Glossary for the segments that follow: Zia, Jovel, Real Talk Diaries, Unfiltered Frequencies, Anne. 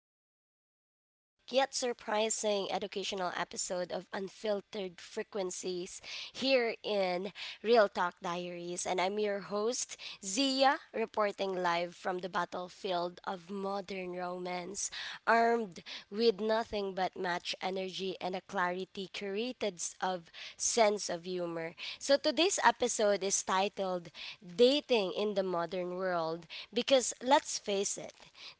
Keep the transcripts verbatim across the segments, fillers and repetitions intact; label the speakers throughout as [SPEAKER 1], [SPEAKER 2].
[SPEAKER 1] to another chaotic yet surprising educational episode of Unfiltered Frequencies here in Real Talk Diaries. And I'm your host, Zia, reporting live from the battlefield of modern romance, armed with nothing but match energy and a clarity curated s- of sense of humor. So today's episode is titled Dating in the Modern World because because let's face it,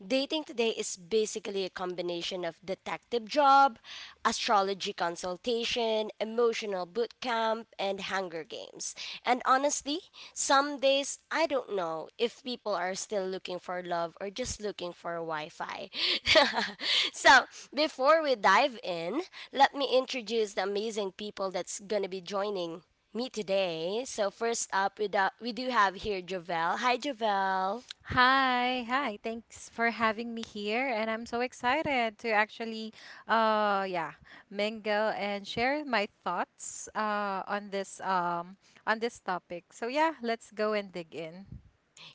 [SPEAKER 1] dating today is basically a combination of detective job, astrology consultation, emotional boot camp, and Hunger Games. And honestly, some days I don't know if people are still looking for love or just looking for Wi Fi. so, before we dive in, let me introduce the amazing people that's going to be joining me today. So, first up, we, do- we do have here Jovel. Hi, Jovel.
[SPEAKER 2] Hi, hi. Thanks for having me here, and I'm so excited to actually, uh, yeah, mingle and share my thoughts, uh, on this, um, on this topic. So yeah, let's go and dig in.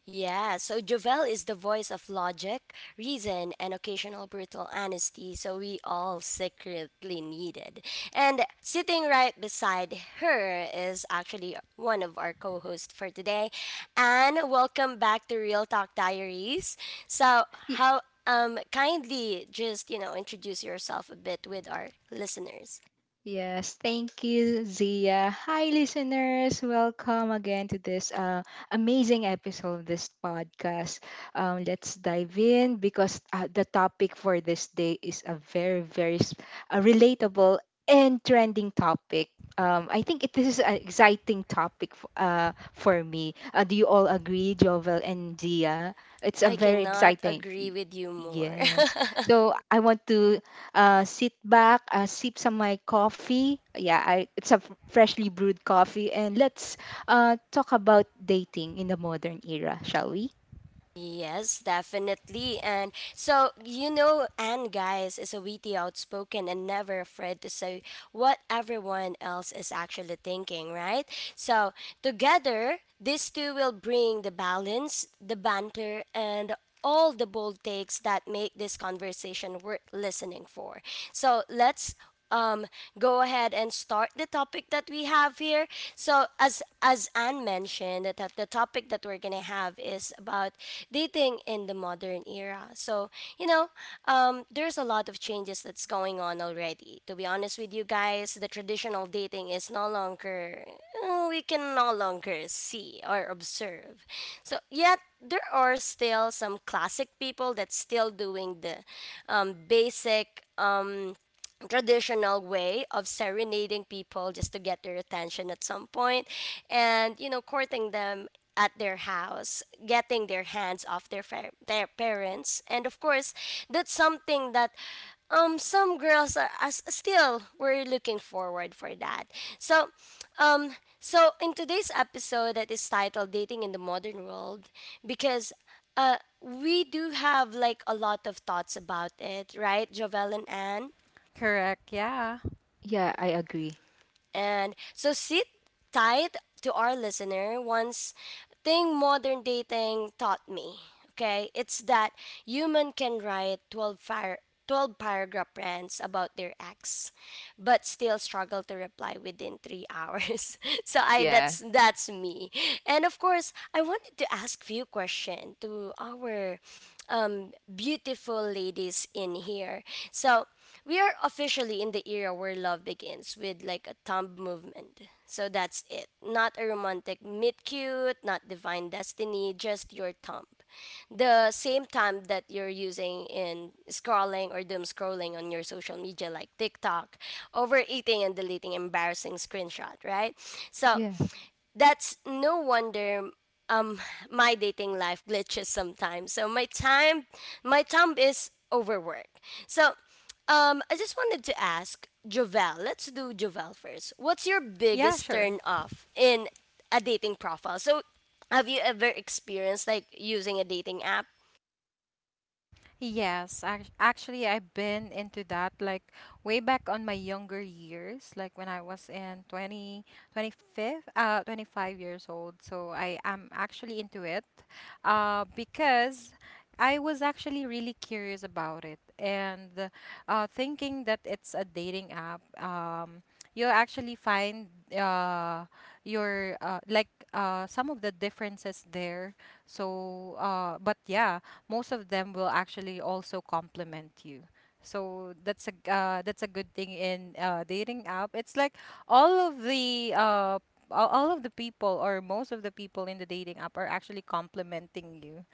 [SPEAKER 1] Yeah, so Jovel is the voice of logic, reason, and occasional brutal honesty, so we all secretly needed. And sitting right beside her is actually one of our co hosts for today. And welcome back to Real Talk Diaries. So,
[SPEAKER 3] Y-
[SPEAKER 1] how um kindly just, you know, introduce yourself a bit with our listeners.
[SPEAKER 3] Yes, thank you, Zia. Hi, listeners. Welcome again to this uh, amazing episode of this podcast. Um, let's dive in because uh, the topic for this day is a very, very s- a relatable and trending topic. Um, I think it is an exciting topic f- uh, for me. Uh, do you all agree, Jovel and Zia? It's a
[SPEAKER 1] I
[SPEAKER 3] very
[SPEAKER 1] cannot
[SPEAKER 3] exciting. y-
[SPEAKER 1] agree with you more.
[SPEAKER 3] Yes. So I want to uh, sit back, uh, sip some my coffee. Yeah, I, it's a f- freshly brewed coffee, and let's uh, talk about dating in the modern era, shall we?
[SPEAKER 1] Yes, definitely. And so, you know, Anne, guys, is a witty, outspoken, and never afraid to say what everyone else is actually thinking, right? So, together, these two will bring the balance, the banter, and all the bold takes that make this conversation worth listening for. So let's um, go ahead and start the topic that we have here. So as as Anne mentioned, that the topic that we're gonna have is about dating in the modern era. So you know, um, there's a lot of changes that's going on already. To be honest with you guys, the traditional dating is no longer, uh, we can no longer see or observe. So, yet, there are still some classic people that's still doing the um, basic um, traditional way of serenading people just to get their attention at some point and you know courting them at their house getting their hands off their fa- their parents, and of course that's something that um some girls are, are s- still were looking forward for that. So um so in today's episode that is titled dating in the modern world because uh we do have like a lot of thoughts about it, right, Jovel and Anne?
[SPEAKER 2] Correct. Yeah.
[SPEAKER 3] Yeah, I agree.
[SPEAKER 1] And so sit tight to our listener. Once thing modern dating taught me, okay, it's that human can write twelve, fire, twelve paragraph rants about their ex but still struggle to reply within three hours. so I
[SPEAKER 3] Yeah.
[SPEAKER 1] that's that's me. And of course, I wanted to ask few question to our um, beautiful ladies in here. So we are officially in the era where love begins with like a thumb movement. So that's it. Not a romantic meet cute, not divine destiny, just your thumb the same time that you're using in scrolling or doom scrolling on your social media like TikTok, overeating and deleting embarrassing screenshot, right? So
[SPEAKER 3] Yeah.
[SPEAKER 1] that's no wonder my dating life glitches sometimes. So my time my time is overwork. So um I just wanted to ask Jovel, let's do Jovel first. What's your
[SPEAKER 2] Yeah,
[SPEAKER 1] biggest
[SPEAKER 2] sure.
[SPEAKER 1] turn off in a dating profile? So have you ever experienced like using a dating app?
[SPEAKER 2] Yes, ac- actually, I've been into that like way back on my younger years, like when I was in twenty twenty five 25, uh, twenty-five years old. So I am actually into it uh, because I was actually really curious about it, and uh, thinking that it's a dating app. Um, you actually find uh your uh like uh some of the differences there. So uh but yeah, most of them will actually also complement you. So that's a uh, that's a good thing in uh dating app. It's like all of the uh all all of the people, or most of the people in the dating app are actually complimenting you.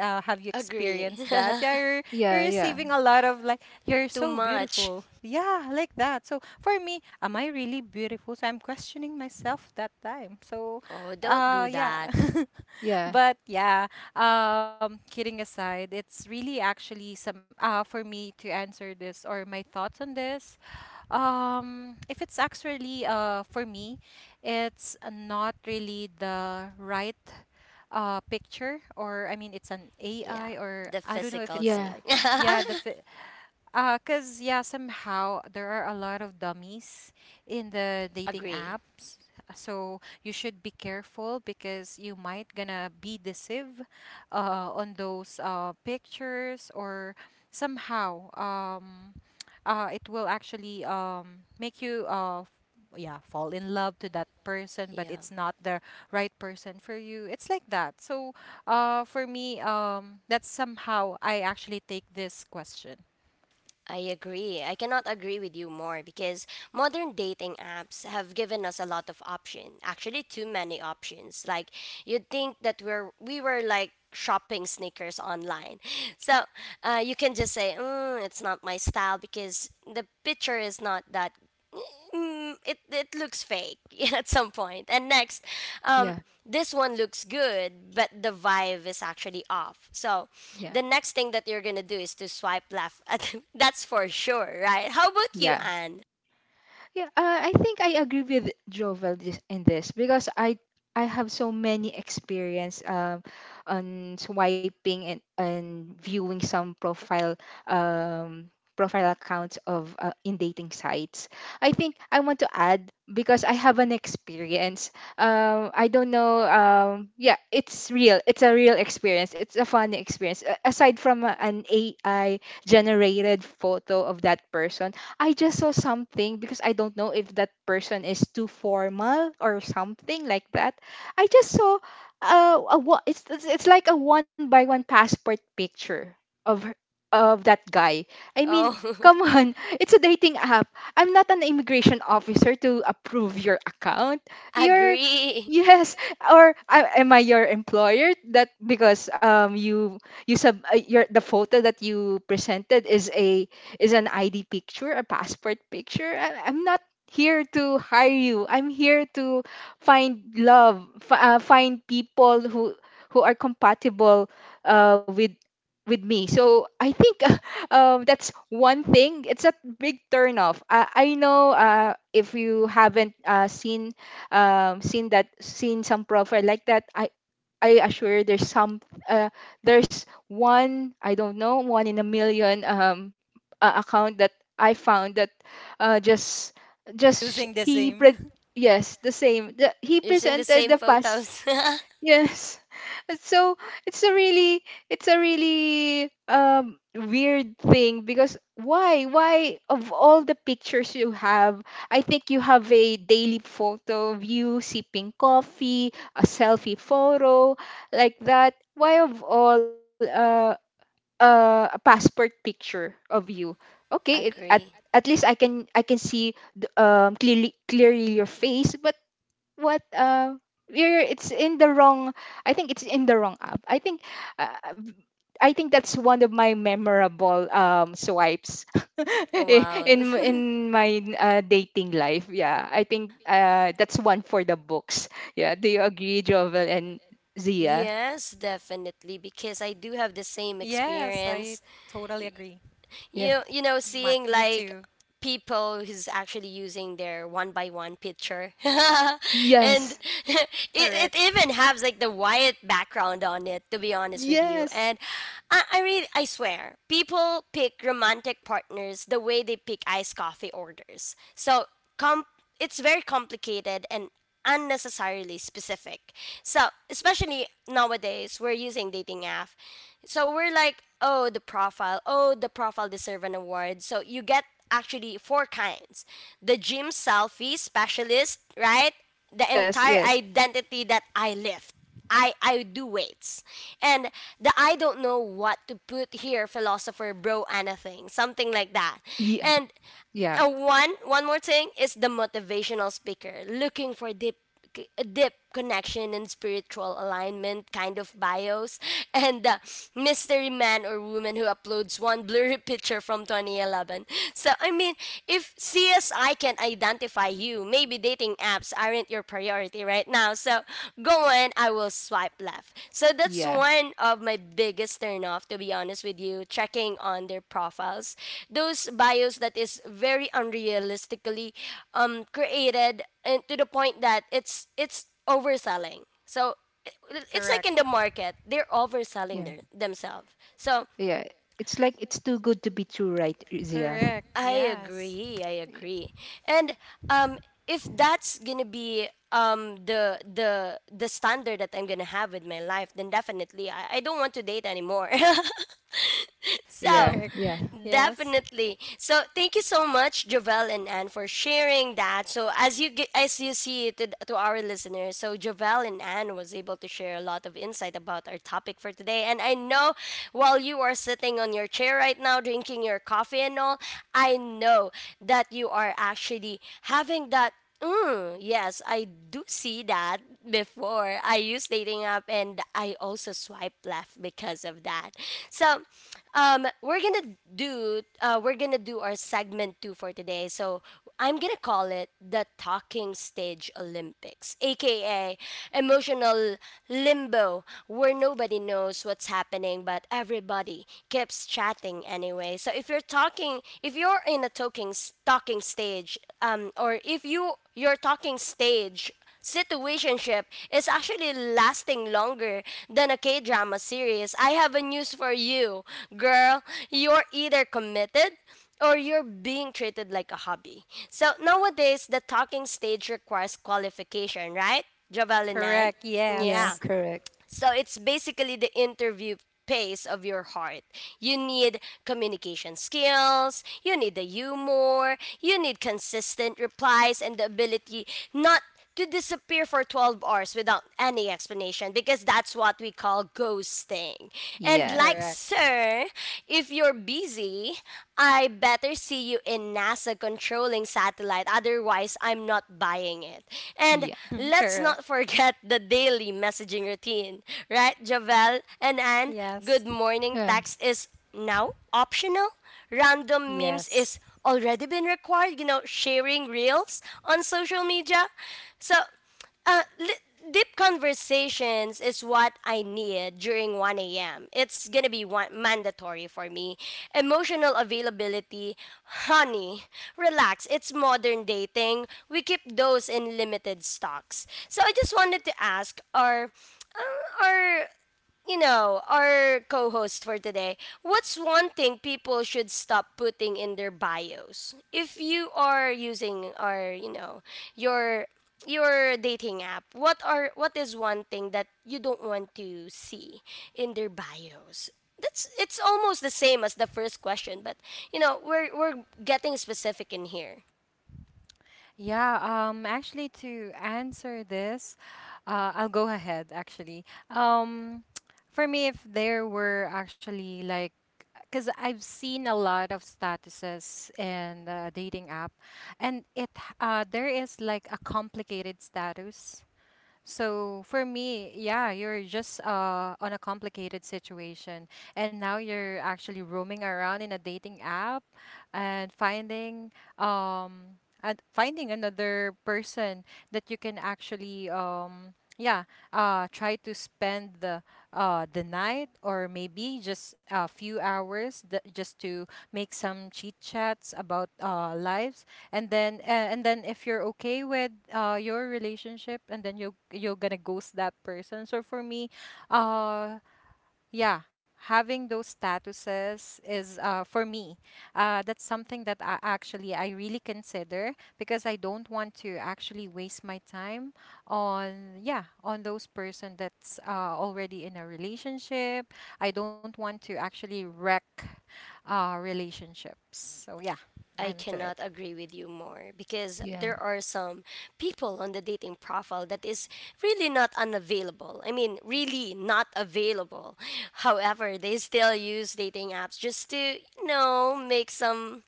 [SPEAKER 2] Uh, have you
[SPEAKER 1] Agree.
[SPEAKER 2] experienced that? Yeah, you're you're
[SPEAKER 3] Yeah. Yeah.
[SPEAKER 2] receiving a lot of like, you're
[SPEAKER 1] Too
[SPEAKER 2] so
[SPEAKER 1] much.
[SPEAKER 2] beautiful. Yeah, like that. So for me, am I really beautiful? So I'm questioning myself that time. So,
[SPEAKER 1] Oh, don't
[SPEAKER 2] uh,
[SPEAKER 1] do
[SPEAKER 2] yeah.
[SPEAKER 1] that.
[SPEAKER 3] Yeah.
[SPEAKER 2] but yeah, um, kidding aside, it's really actually some uh for me to answer this, or my thoughts on this. Um, if it's actually uh for me, it's not really the right uh picture, or I mean it's an A I,
[SPEAKER 1] Yeah.
[SPEAKER 2] or
[SPEAKER 1] The
[SPEAKER 2] I don't know if
[SPEAKER 1] physical
[SPEAKER 2] it's
[SPEAKER 1] thing.
[SPEAKER 3] Yeah.
[SPEAKER 2] I- yeah the fi- uh, cause yeah, somehow there are a lot of dummies in the dating
[SPEAKER 1] Agree.
[SPEAKER 2] apps. So you should be careful, because you might gonna be deceived uh, on those uh, pictures, or somehow um, uh, it will actually um, make you uh, f- yeah, fall in love to that person, but
[SPEAKER 1] Yeah.
[SPEAKER 2] it's not the right person for you. It's like that. So uh, for me, um, that's somehow I actually take this question.
[SPEAKER 1] I agree. I cannot agree with you more because modern dating apps have given us a lot of options. Actually, too many options. Like you'd think that we're we were like shopping sneakers online. So uh, you can just say, mm, "It's not my style" because the picture is not that mm, it it looks fake at some point. And next, um,
[SPEAKER 3] Yeah.
[SPEAKER 1] this one looks good, but the vibe is actually off. So
[SPEAKER 3] Yeah.
[SPEAKER 1] the next thing that you're gonna do is to swipe left. At, that's for sure, right? How about you,
[SPEAKER 3] Yeah.
[SPEAKER 1] Anne?
[SPEAKER 3] Yeah, uh, I think I agree with Jovel this, in this because I I have so many experience um, on swiping and, and viewing some profile um, profile accounts of uh, in dating sites. I think I want to add because I have an experience. Um, I don't know. Um, yeah, it's real. It's a real experience. It's a fun experience. A- Aside from uh, an A I generated photo of that person, I just saw something because I don't know if that person is too formal or something like that. I just saw uh, a wa- it's it's it's like a one by one passport picture of her- of that guy. I mean,
[SPEAKER 1] Oh,
[SPEAKER 3] come on, it's a dating app. I'm not an immigration officer to approve your account. You're
[SPEAKER 1] agree.
[SPEAKER 3] Yes, or uh, am I your employer? That because um you you sub uh, your the photo that you presented is a is an I D picture, a passport picture? I, I'm not here to hire you. I'm here to find love, f- uh, find people who who are compatible uh, with with me. So I think um, that's one thing. It's a big turnoff. I, I know uh, if you haven't uh, seen um, seen that seen some profile like that, I I assure there's some uh, there's one, I don't know, one in a million um uh, account that I found that uh, just just sh-
[SPEAKER 2] Using the
[SPEAKER 3] he
[SPEAKER 2] same.
[SPEAKER 3] pre- yes the same the, he
[SPEAKER 1] Using the
[SPEAKER 3] presented
[SPEAKER 1] same
[SPEAKER 3] the past
[SPEAKER 1] photos.
[SPEAKER 3] Yes. So it's a really, it's a really um weird thing, because why why of all the pictures you have, I think you have a daily photo of you sipping coffee, a selfie photo like that. Why of all uh, uh a passport picture of you? Okay, it at
[SPEAKER 1] agree.
[SPEAKER 3] at least I can, I can see th- um clearly, clearly your face, but what uh you're, it's in the wrong, I think it's in the wrong app, I think. Uh, i think that's one of my memorable um swipes i-
[SPEAKER 1] Wow.
[SPEAKER 3] in in my uh, dating life. Yeah, I think uh that's one for the books. Yeah, do you agree, Jovel and Zia?
[SPEAKER 1] Yes,
[SPEAKER 2] Yes,
[SPEAKER 1] definitely,
[SPEAKER 2] I
[SPEAKER 1] because I do have
[SPEAKER 2] totally
[SPEAKER 1] the same
[SPEAKER 2] agree.
[SPEAKER 1] experience.
[SPEAKER 2] My, me too.
[SPEAKER 3] Yeah.
[SPEAKER 1] you you know seeing like people who's actually using their one by one picture and
[SPEAKER 3] Yes.
[SPEAKER 2] Correct.
[SPEAKER 1] it, it even has like the white background on it to be honest with you.
[SPEAKER 3] Yes.
[SPEAKER 1] And I, I really I swear people pick romantic partners the way they pick iced coffee orders. So com- it's very complicated and unnecessarily specific. So, especially nowadays, we're using dating app. So, we're like, oh, the profile, oh, the profile deserve an award. So, you get actually four kinds. The gym selfie specialist, right? The
[SPEAKER 3] Yes.
[SPEAKER 1] entire
[SPEAKER 3] Yes.
[SPEAKER 1] identity that I lift. I I do weights. And the I don't know what to put here philosopher bro Anna thing, something like that.
[SPEAKER 3] Yeah.
[SPEAKER 1] And
[SPEAKER 3] Yeah.
[SPEAKER 1] uh, one one more thing is the motivational speaker looking for deep c- a deep connection and spiritual alignment kind of bios and the mystery man or woman who uploads one blurry picture from twenty eleven. So I mean, if CSI can identify you, maybe dating apps aren't your priority right now. So so going, I will swipe left. So that's
[SPEAKER 3] Yeah.
[SPEAKER 1] one of my biggest turnoff, to be honest with you, checking on their profiles. Those bios that is very unrealistically um, created, and to the point that it's it's overselling. So it- it's like
[SPEAKER 2] Correct.
[SPEAKER 1] in the market, they're
[SPEAKER 3] Yeah.
[SPEAKER 1] overselling their, themselves. So
[SPEAKER 3] Yeah. It's like it's too good to be true, right, Zia?
[SPEAKER 2] Correct.
[SPEAKER 1] I
[SPEAKER 2] Yes.
[SPEAKER 1] agree. I agree. And um, if that's gonna be um the the the standard that I'm gonna have with my life, then definitely I, I don't want to date anymore.
[SPEAKER 3] Yeah.
[SPEAKER 1] So,
[SPEAKER 2] Correct.
[SPEAKER 3] Yeah.
[SPEAKER 2] Yes.
[SPEAKER 1] definitely. So, thank you so much, Jovel and Anne, for sharing that. So, as you ge- as you see to, to our listeners, so Jovel and Anne was able to share a lot of insight about our topic for today. And I know while you are sitting on your chair right now, drinking your coffee and all, I know that you are actually having that. Mm, yes, I do see that before. I use dating app and I also swipe left because of that. So, um, we're gonna do uh, we're gonna do our segment two for today. So I'm gonna call it the talking stage Olympics, aka emotional limbo, where nobody knows what's happening but everybody keeps chatting anyway anyway. So if you're talking, if you're in a talking s- talking stage, um, or if you your talking stage situationship is actually lasting longer than a K drama series, I have a news for you, girl. You're either committed or you're being treated like a hobby. So nowadays, the talking stage requires qualification, right, Javel and Nan?
[SPEAKER 2] Correct.
[SPEAKER 3] Yeah,
[SPEAKER 1] Yeah.
[SPEAKER 2] Yes.
[SPEAKER 3] correct.
[SPEAKER 1] So it's basically the interview pace of your heart. You need communication skills, you need the humor, you need consistent replies and the ability not to disappear for twelve hours without any explanation because that's what we call ghosting. And
[SPEAKER 3] Yeah,
[SPEAKER 1] like
[SPEAKER 2] Correct.
[SPEAKER 1] sir, if you're busy, I I better see you in NASA controlling satellite, otherwise, I'm not buying it. And
[SPEAKER 3] yeah,
[SPEAKER 1] let's not
[SPEAKER 2] Correct.
[SPEAKER 1] forget the daily messaging routine, right, Javel and Anne? Good
[SPEAKER 2] Yes.
[SPEAKER 3] yeah,
[SPEAKER 1] morning text is now optional, random memes is
[SPEAKER 2] Yes.
[SPEAKER 1] already been required, you know, sharing reels on social media. So, uh, li- deep conversations is what I need during one a m. It's gonna be one- mandatory for me. Emotional availability, honey, relax. It's modern dating. We keep those in limited stocks. So I just wanted to ask, are uh, are you know, our co host for today, what's one thing people should stop putting in their bios? If you are using our, you know, your your dating app, what are what is one thing that you don't want to see in their bios? That's it's almost the same as the first question, but you know we're we're getting specific in here.
[SPEAKER 2] Yeah, um actually to answer this, uh I'll go ahead actually. Um for me, if there were actually like, because I've seen a lot of statuses in the dating app, and it h- uh, there is like a complicated status. So for me, yeah, you're just uh, on a complicated situation, and now you're actually roaming around in a dating app and finding um and finding another person that you can actually um yeah, uh, try to spend the uh, the night, or maybe just a few hours th- just to make some chit chats about uh, lives, and then uh, and then if you're okay with uh, your relationship, and then you you're gonna ghost that person. So for me, uh, yeah, having those statuses is uh, for me. Uh, that's something that I actually I really consider, because I don't want to actually waste my time on yeah on those person that's uh, already in a relationship. I don't want to actually wreck uh, relationships. So yeah, I'm
[SPEAKER 1] I
[SPEAKER 2] to it.
[SPEAKER 1] cannot agree with you more because
[SPEAKER 3] yeah,
[SPEAKER 1] there are some people on the dating profile that is really not unavailable. I mean, really not available. However, they still use dating apps just to, you know, make some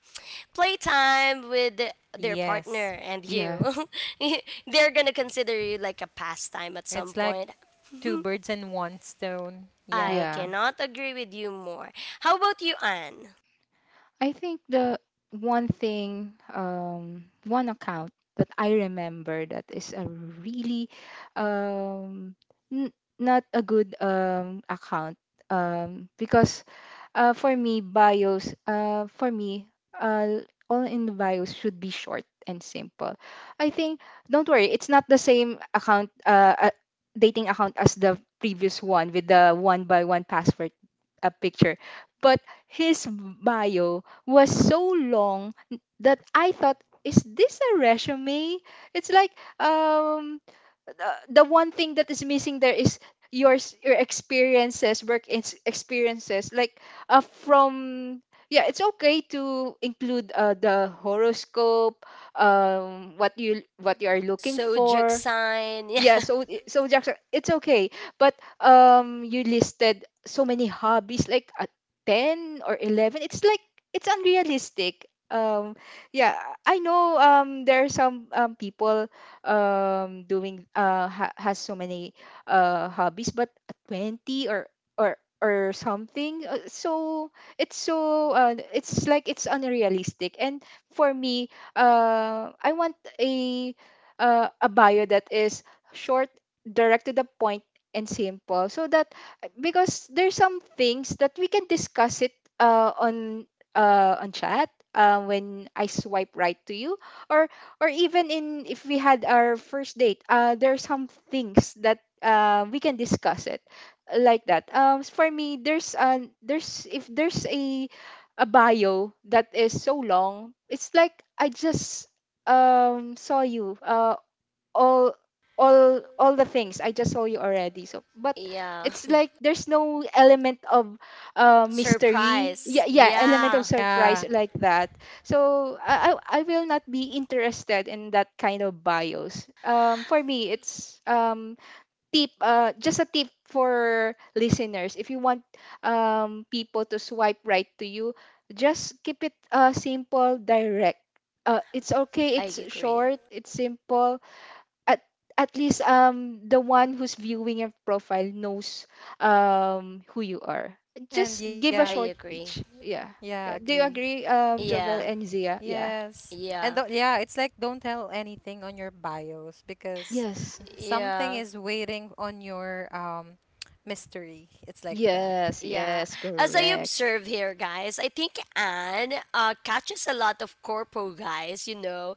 [SPEAKER 1] playtime with their
[SPEAKER 2] Yes,
[SPEAKER 1] partner and
[SPEAKER 3] yeah,
[SPEAKER 1] you. They're going to consider you like a pastime at some
[SPEAKER 2] it's like
[SPEAKER 1] point.
[SPEAKER 2] two birds in one stone. Yeah,
[SPEAKER 1] I
[SPEAKER 3] yeah.
[SPEAKER 1] cannot agree with you more. How about you, Anne?
[SPEAKER 3] I think the one thing, um, one account that I remember that is a really, um, n- not a good um account, um, because Uh, for me, bios. Uh, for me, uh, all in the bios should be short and simple. I think. Don't worry, it's not the same account, uh, uh, dating account as the previous one with the one by one password uh, picture. But his bio was so long that I thought, is this a resume? It's like um, the the one thing that is missing there is your s- your experiences, work ex- experiences, like uh, from yeah, it's okay to include uh, the horoscope, um what you, what you are looking
[SPEAKER 1] So,
[SPEAKER 3] for,
[SPEAKER 1] Jackson. Yeah.
[SPEAKER 3] yeah, so i- so Jackson, it's okay. But um you listed so many hobbies like at ten or eleven. It's like it's unrealistic. Um yeah, I know um there are some um people um doing uh ha- has so many uh hobbies, but at twenty or or or something, uh, so it's so uh, it's like it's unrealistic. And for me, uh I want a uh, a bio that is short, direct to the point, and simple. So that, because there's some things that we can discuss it uh, on uh, on chat, uh, when I swipe right to you, or or even in, if we had our first date, uh, there are some things that uh, we can discuss it like that. Um, for me, there's an there's if there's a a bio that is so long, it's like I just um saw you uh all all all the things, I just saw you already, so but
[SPEAKER 1] Yeah.
[SPEAKER 3] it's like there's no element of uh, mystery,
[SPEAKER 1] Surprise.
[SPEAKER 3] yeah, yeah, element of
[SPEAKER 1] Yeah.
[SPEAKER 2] yeah,
[SPEAKER 3] surprise like that. So I, I I will not be interested in that kind of bios. Um for me it's um tip, uh just a tip for listeners, if you want um people to swipe right to you, just keep it uh simple, direct, uh, it's okay,
[SPEAKER 1] I
[SPEAKER 3] it's
[SPEAKER 1] agree.
[SPEAKER 3] short, it's simple. at at least um the one who's viewing your profile knows um who you are.
[SPEAKER 2] and
[SPEAKER 3] Just give
[SPEAKER 2] yeah,
[SPEAKER 3] a
[SPEAKER 1] I
[SPEAKER 3] short
[SPEAKER 1] agree.
[SPEAKER 3] pitch. Yeah.
[SPEAKER 2] yeah,
[SPEAKER 3] Yeah. Do
[SPEAKER 2] agree.
[SPEAKER 3] you agree, um, Jovel
[SPEAKER 1] Yeah.
[SPEAKER 3] and Zia? Yeah.
[SPEAKER 2] Yes. And do not,
[SPEAKER 1] Yeah.
[SPEAKER 2] yeah, it's like don't tell anything on your bios, because
[SPEAKER 3] Yes.
[SPEAKER 2] something
[SPEAKER 1] Yeah.
[SPEAKER 2] is waiting on your um mystery. It's like that.
[SPEAKER 3] Yes.
[SPEAKER 1] Yeah.
[SPEAKER 3] Yes.
[SPEAKER 1] As I
[SPEAKER 3] Correct.
[SPEAKER 1] observe here, guys, I think Anne uh, catches a lot of corpo guys, you know,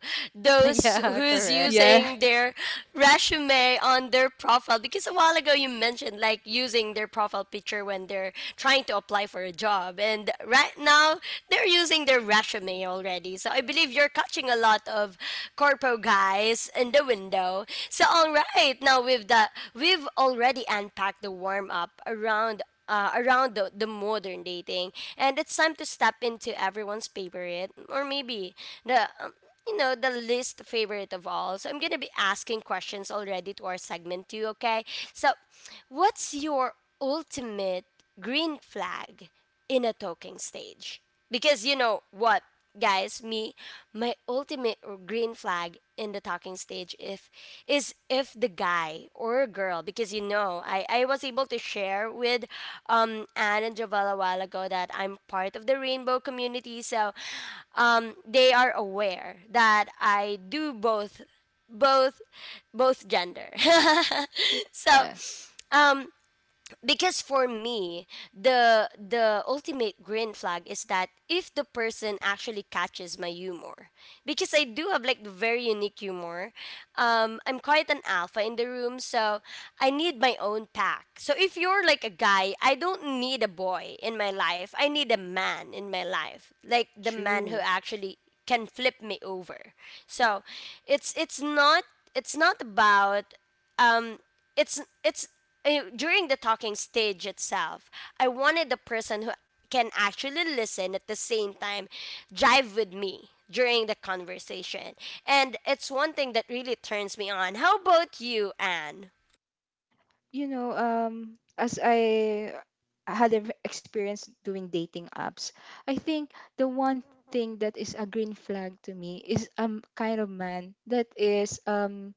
[SPEAKER 1] those
[SPEAKER 2] Yeah,
[SPEAKER 1] who's
[SPEAKER 2] correct.
[SPEAKER 3] Yeah.
[SPEAKER 1] using their resume on their profile. Because a while ago you mentioned like using their profile picture when they're trying to apply for a job. And right now they're using their resume already. So I believe you're catching a lot of corpo guys in the window. So, all right, now we've the we've already unpacked the warm up around uh, around the, the modern dating, and it's time to step into everyone's favorite, or maybe the um, you know the least favorite of all. So I'm gonna be asking questions already to our segment too okay? So what's your ultimate green flag in a talking stage? Because, you know what, guys, me, my ultimate green flag in the talking stage, if is if the guy or girl, because you know, i i was able to share with um Anne and Jovel a while ago that I'm part of the rainbow community. So um they are aware that I do both both both gender. So,
[SPEAKER 3] Yeah.
[SPEAKER 1] um because for me, the the ultimate green flag is that if the person actually catches my humor, because I do have like very unique humor. um I'm quite an alpha in the room, so I need my own pack. So if you're like a guy, I don't need a boy in my life, I need a man in my life, like the man who
[SPEAKER 3] True.
[SPEAKER 1] actually can flip me over. So it's it's not, it's not about um it's it's uh, during the talking stage itself I wanted the person who can actually listen at the same time, jive with me during the conversation. And it's one thing that really turns me on. How about you, Anne?
[SPEAKER 3] You know, um, as I had an experience doing dating apps, I think the one thing that is a green flag to me is um kind of man that is um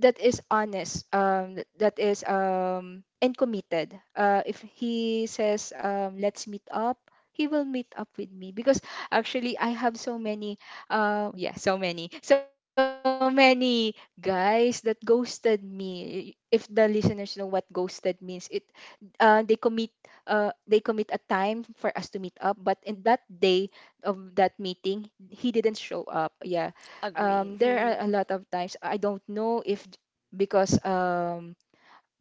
[SPEAKER 3] that is honest, um th- that is um and committed. Uh if he says um let's meet up, he will meet up with me. Because actually I have so many uh yeah so many so many guys that ghosted me. If the listeners know what ghosted means, it uh they commit uh they commit a time for us to meet up, but in that day of that meeting he didn't show up. Yeah,
[SPEAKER 1] Agree.
[SPEAKER 3] um, there
[SPEAKER 1] Mhm.
[SPEAKER 3] are a lot of times, I don't know if, because um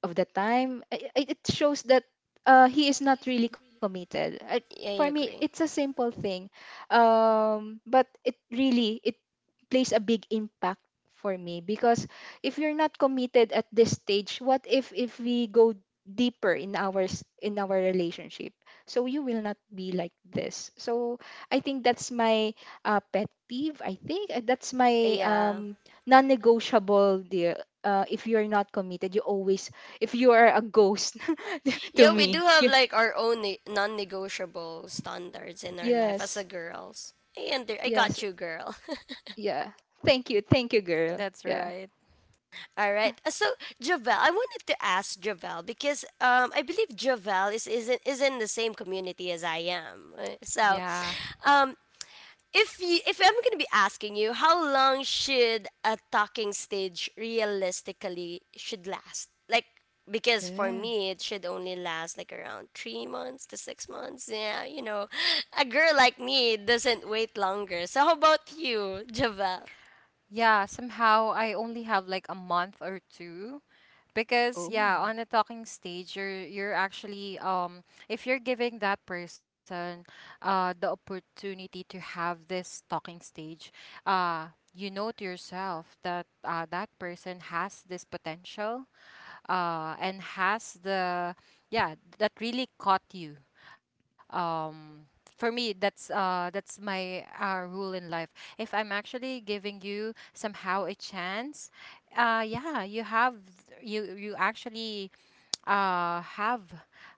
[SPEAKER 3] of the time I- I- it shows that uh he is not really committed. I, for
[SPEAKER 1] I
[SPEAKER 3] me it's
[SPEAKER 1] agree.
[SPEAKER 3] a simple thing, um but it really, it plays a big impact for me, because if you're not committed at this stage, what if if we go deeper in our s- in our relationship, so you will not be like this. So I think that's my uh, pet peeve. I think uh, that's my
[SPEAKER 1] Yeah,
[SPEAKER 3] um non-negotiable, dear. Uh, if you're not committed, you always, if you are a ghost to
[SPEAKER 1] yeah, we do
[SPEAKER 3] me,
[SPEAKER 1] have
[SPEAKER 3] you,
[SPEAKER 1] like our own ne- non-negotiable standards in our
[SPEAKER 3] yes,
[SPEAKER 1] life as a girls. i, under- I
[SPEAKER 3] yes,
[SPEAKER 1] got you, girl.
[SPEAKER 3] yeah, thank you, thank you, girl.
[SPEAKER 2] That's
[SPEAKER 3] Yeah.
[SPEAKER 2] right.
[SPEAKER 1] All right. Uh, So, Javel, I wanted to ask Javel because um, I believe Javel is isn't is in the same community as I am. Uh, So,
[SPEAKER 2] Yeah.
[SPEAKER 1] um, if you if I'm gonna be asking you, how long should a talking stage realistically should last? Like, because for
[SPEAKER 3] Yeah.
[SPEAKER 1] me it should only last like around three months to six months. Yeah, you know, a girl like me doesn't wait longer. So how about you, Javel?
[SPEAKER 2] Yeah, somehow I only have like a month or two, because
[SPEAKER 3] Oh.
[SPEAKER 2] yeah, on a talking stage you're you're actually um if you're giving that person uh the opportunity to have this talking stage, uh you know to yourself that uh, that person has this potential uh and has the, yeah, that really caught you. um for me, that's uh that's my uh, rule in life. If I'm actually giving you somehow a chance, uh yeah you have, you you actually uh have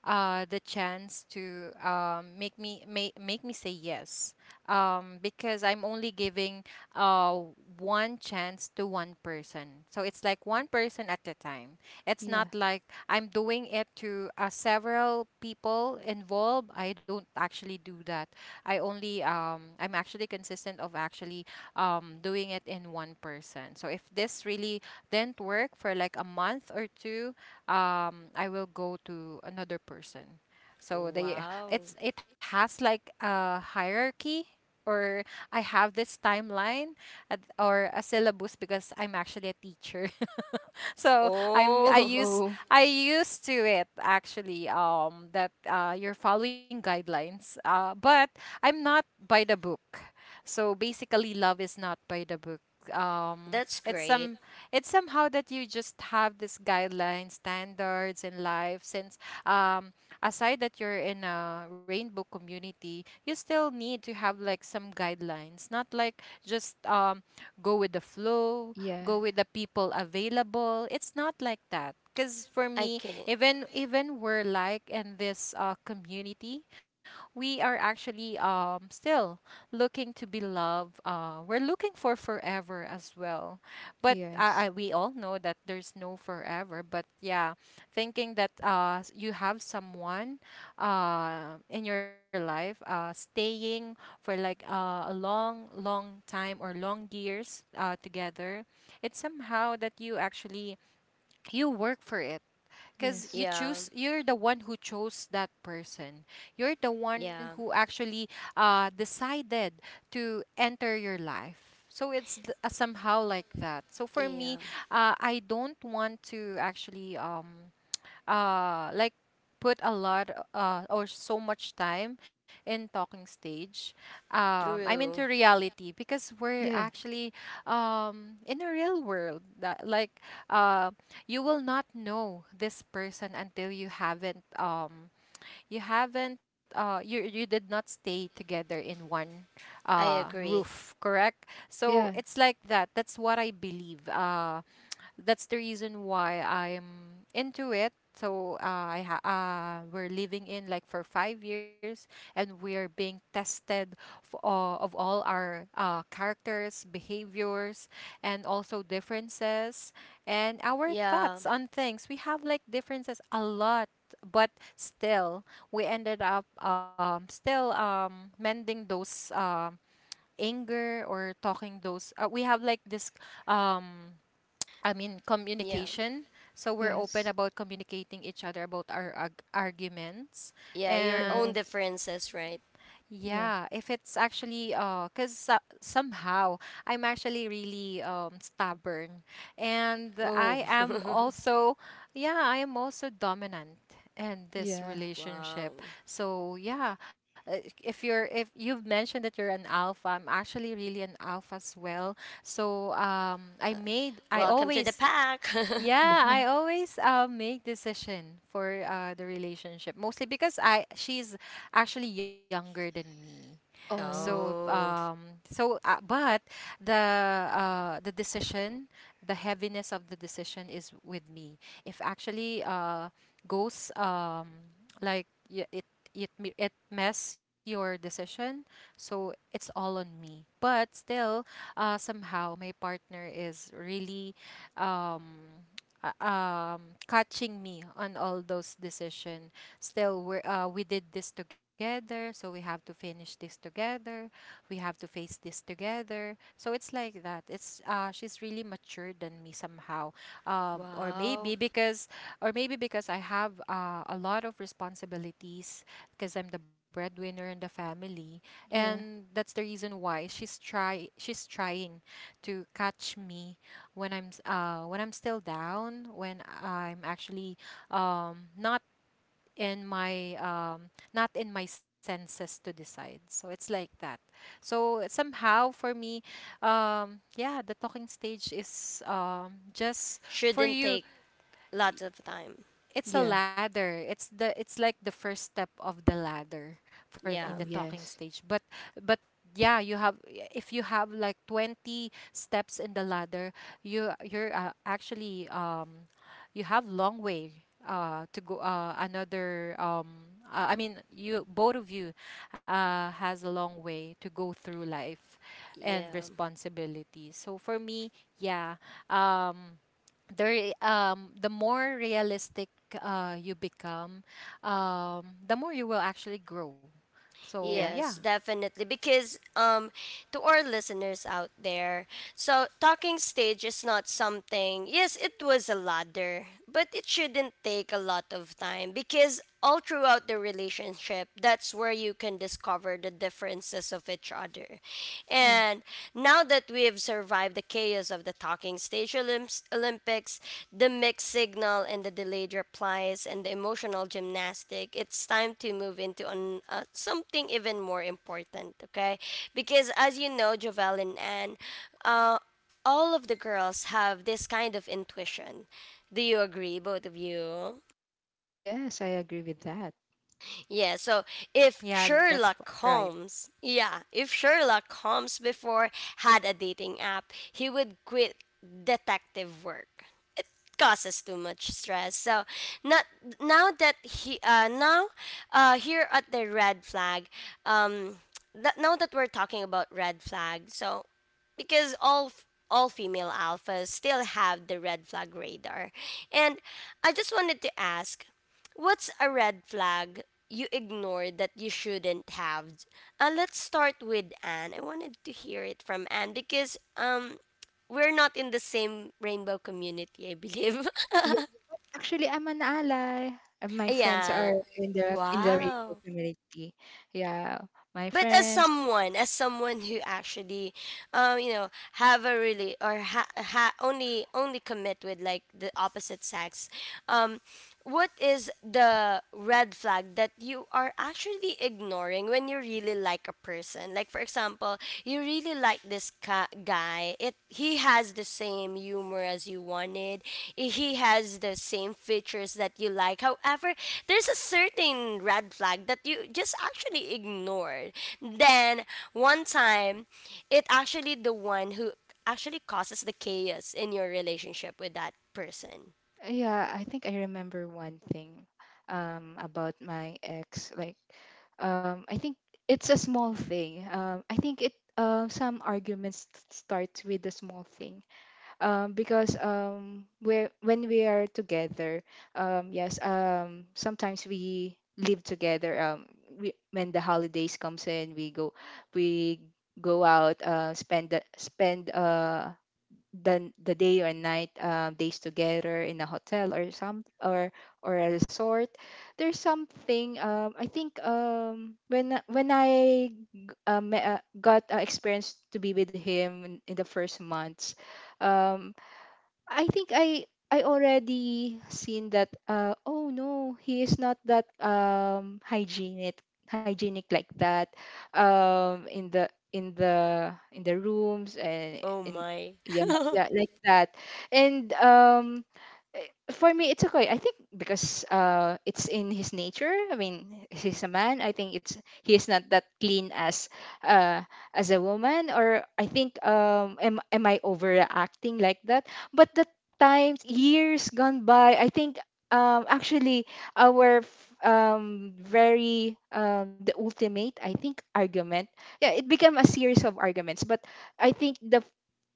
[SPEAKER 2] uh the chance to um make me, make, make me say yes, um because I'm only giving uh one chance to one person. So it's like one person at a time. It's not
[SPEAKER 3] Yeah.
[SPEAKER 2] like I'm doing it to uh, several people involved. I don't actually do that. I only um I'm actually consistent of actually um doing it in one person. So if this really didn't work for like a month or two, um I will go to another person. So they
[SPEAKER 1] Wow.
[SPEAKER 2] it's, it has like a hierarchy, or I have this timeline at, or a syllabus, because I'm actually a teacher. So I'm I
[SPEAKER 1] Oh.
[SPEAKER 2] use,
[SPEAKER 3] Oh,
[SPEAKER 2] I used to it actually, um that uh you're following guidelines, uh but I'm not by the book. So basically, love is not by the book. Um,
[SPEAKER 1] That's
[SPEAKER 2] it's
[SPEAKER 1] great.
[SPEAKER 2] some it's somehow that you just have this guidelines, standards in life. Since um, aside that you're in a rainbow community, you still need to have like some guidelines. Not like just um, go with the flow,
[SPEAKER 3] yeah.
[SPEAKER 2] go with the people available. It's not like that. Because for
[SPEAKER 1] I
[SPEAKER 2] me,
[SPEAKER 1] can.
[SPEAKER 2] even even we're like in this uh, community, we are actually um still looking to be loved. Uh, we're looking for forever as well, but uh,
[SPEAKER 3] Yes.
[SPEAKER 2] I, we all know that there's no forever. But yeah, thinking that uh s- you have someone uh in your life, uh staying for like uh, a long, long time, or long years uh together, it's somehow that you actually you work for it, because you
[SPEAKER 3] Yes.
[SPEAKER 1] Yeah,
[SPEAKER 2] choose, you're the one who chose that person, you're the one
[SPEAKER 1] yeah,
[SPEAKER 2] who actually uh, decided to enter your life. So it's th- uh, somehow like that. So for me,
[SPEAKER 1] yeah.
[SPEAKER 2] uh, I don't want to actually um, uh like put a lot uh or so much time in talking stage. um I'm into
[SPEAKER 1] True.
[SPEAKER 2] reality, because we're
[SPEAKER 3] Yeah.
[SPEAKER 2] actually um in a real world, that like uh you will not know this person until you haven't um you haven't uh you you did not stay together in one
[SPEAKER 1] I
[SPEAKER 2] uh
[SPEAKER 1] agree.
[SPEAKER 2] roof, correct. So
[SPEAKER 3] Yeah.
[SPEAKER 2] it's like that. That's what I believe. Uh, that's the reason why I'm into it. So uh, I ha- uh, we're living in like for five years, and we are being tested f- uh, of all our uh, characters, behaviors, and also differences, and our
[SPEAKER 1] Yeah,
[SPEAKER 2] thoughts on things. We have like differences a lot, but still we ended up um, still um, mending those, um, anger, or talking those. Uh, we have like this um I mean,
[SPEAKER 1] yeah,
[SPEAKER 2] communication. So we're open
[SPEAKER 3] Yes.
[SPEAKER 2] about communicating each other about our arg- arguments.
[SPEAKER 1] yeah. Your own
[SPEAKER 2] And
[SPEAKER 3] Yes.
[SPEAKER 1] differences, right?
[SPEAKER 2] yeah,
[SPEAKER 3] Yeah.
[SPEAKER 2] if it's actually, uh, cause uh, somehow I'm actually really um stubborn, and
[SPEAKER 1] Oh.
[SPEAKER 2] I am also, yeah, I am also dominant in this
[SPEAKER 3] Yeah.
[SPEAKER 1] Wow.
[SPEAKER 2] relationship. So yeah, uh, if you're, if you've mentioned that you're an alpha, I'm actually really an alpha as well. So um, I
[SPEAKER 1] Uh,
[SPEAKER 2] made I
[SPEAKER 1] Welcome to the
[SPEAKER 2] always,
[SPEAKER 1] pack.
[SPEAKER 2] yeah, I
[SPEAKER 3] Wow.
[SPEAKER 2] always uh, make decision for uh, the relationship, mostly because I she's actually younger than me. So
[SPEAKER 3] Oh,
[SPEAKER 1] Oh,
[SPEAKER 2] um so uh, but the uh the decision, the heaviness of the decision is with me. If actually uh goes um like y- it it me- it mess your decision, so it's all on me. But still, uh, somehow my partner is really um uh, um, catching me on all those decisions. Still, we uh, we did this together, so we have to finish this together. We have to face this together. So it's like that. It's uh, she's really mature than me somehow, um, or
[SPEAKER 1] wow.
[SPEAKER 2] maybe because, or maybe because I have uh, a lot of responsibilities, because I'm the breadwinner in the family, and
[SPEAKER 3] yeah.
[SPEAKER 2] that's the reason why she's try she's trying to catch me when I'm s- uh when I'm still down, when I'm actually um not in my, um not in my senses to decide. So it's like that. So somehow for me, um yeah, the talking stage is um just for
[SPEAKER 1] Shouldn't
[SPEAKER 2] you,
[SPEAKER 1] take lots of time.
[SPEAKER 2] it's a
[SPEAKER 3] Yeah.
[SPEAKER 2] ladder, it's the it's like the first step of the ladder for me,
[SPEAKER 1] Yeah,
[SPEAKER 2] the
[SPEAKER 3] Oh,
[SPEAKER 2] talking
[SPEAKER 3] yes.
[SPEAKER 2] stage. But but yeah, you have, if you have like twenty steps in the ladder, you you're uh, actually um you have long way uh to go, uh another um uh, I mean, you, both of you uh has a long way to go through life and
[SPEAKER 1] yeah.
[SPEAKER 2] responsibility. So for me, yeah um the re- um the more realistic uh you become, um the more you will actually grow. So
[SPEAKER 3] Yeah.
[SPEAKER 2] yeah,
[SPEAKER 1] Yes, definitely. Because, um, to our listeners out there, so talking stage is not something. Yes, it was a ladder, but it shouldn't take a lot of time, because all throughout the relationship, that's where you can discover the differences of each other.
[SPEAKER 3] Yeah.
[SPEAKER 1] And now that we have survived the chaos of the talking stage, Stage Olymps- Olympics, the mixed signal and the delayed replies, and the emotional gymnastic, it's time to move into an, uh, something even more important, okay? Because, as you know, Jovel and Anne, uh, all of the girls have this kind of intuition. Do you agree, both of you?
[SPEAKER 3] Yes, I agree with that.
[SPEAKER 1] Yeah, so, if
[SPEAKER 2] yeah that's f-
[SPEAKER 1] Sherlock
[SPEAKER 2] right.
[SPEAKER 1] Holmes, yeah, if Sherlock Holmes before had a dating app, he would quit detective work. It causes too much stress. So, not now that he uh now uh here at the red flag. Um that Now that we're talking about red flag, so because all f- all female alphas still have the red flag radar. And I just wanted to ask, what's a red flag you ignored that you shouldn't have? Uh, let's start with Anne. I wanted to hear it from Anne, because um, we're not in the same rainbow community, I believe.
[SPEAKER 3] Yeah. Actually, I'm an ally. Uh, My friends are
[SPEAKER 1] Yeah.
[SPEAKER 3] in the in the rainbow
[SPEAKER 1] Wow.
[SPEAKER 3] community. Yeah. My
[SPEAKER 1] But as
[SPEAKER 3] friends,
[SPEAKER 1] someone, as someone who actually, um, you know, have a really, or ha, ha only only commit with like the opposite sex, um, what is the red flag that you are actually ignoring when you really like a person? Like, for example, you really like this ca- guy. It He has the same humor as you wanted. I- He has the same features that you like. However, there's a certain red flag that you just actually ignored. Then one time, it actually the one who actually causes the chaos in your relationship with that person.
[SPEAKER 3] yeah, I think I remember one thing um about my ex. Like, um, I think it's a small thing. Um, I think it uh, some arguments t- start with a small thing. Um, because um, we when we are together, um, yes, um, sometimes we live together. Um, we, when the holidays comes in, we go, we go out, uh, spend the- spend uh the the day or night, uh, days together in a hotel or some or or a resort. There's something um, I think um, when I- when i um, uh, me- uh, got uh, experience to be with him in, in the first months, um, I think I I already seen that, uh oh no, he is not that um hygienic hygienic, like that, um in the in the in the rooms and
[SPEAKER 1] Oh
[SPEAKER 3] in,
[SPEAKER 1] my.
[SPEAKER 3] yeah, yeah, like that, and um, eh, for me it's okay, I think, because uh it's in his nature. I mean, he's a man, I think it's he is not that clean as uh as a woman. Or I think, um am, am I overacting, like that? But the times, years gone by, I think um actually our f- um very uh, the ultimate, I think, argument. Yeah, it became a series of arguments, but I think the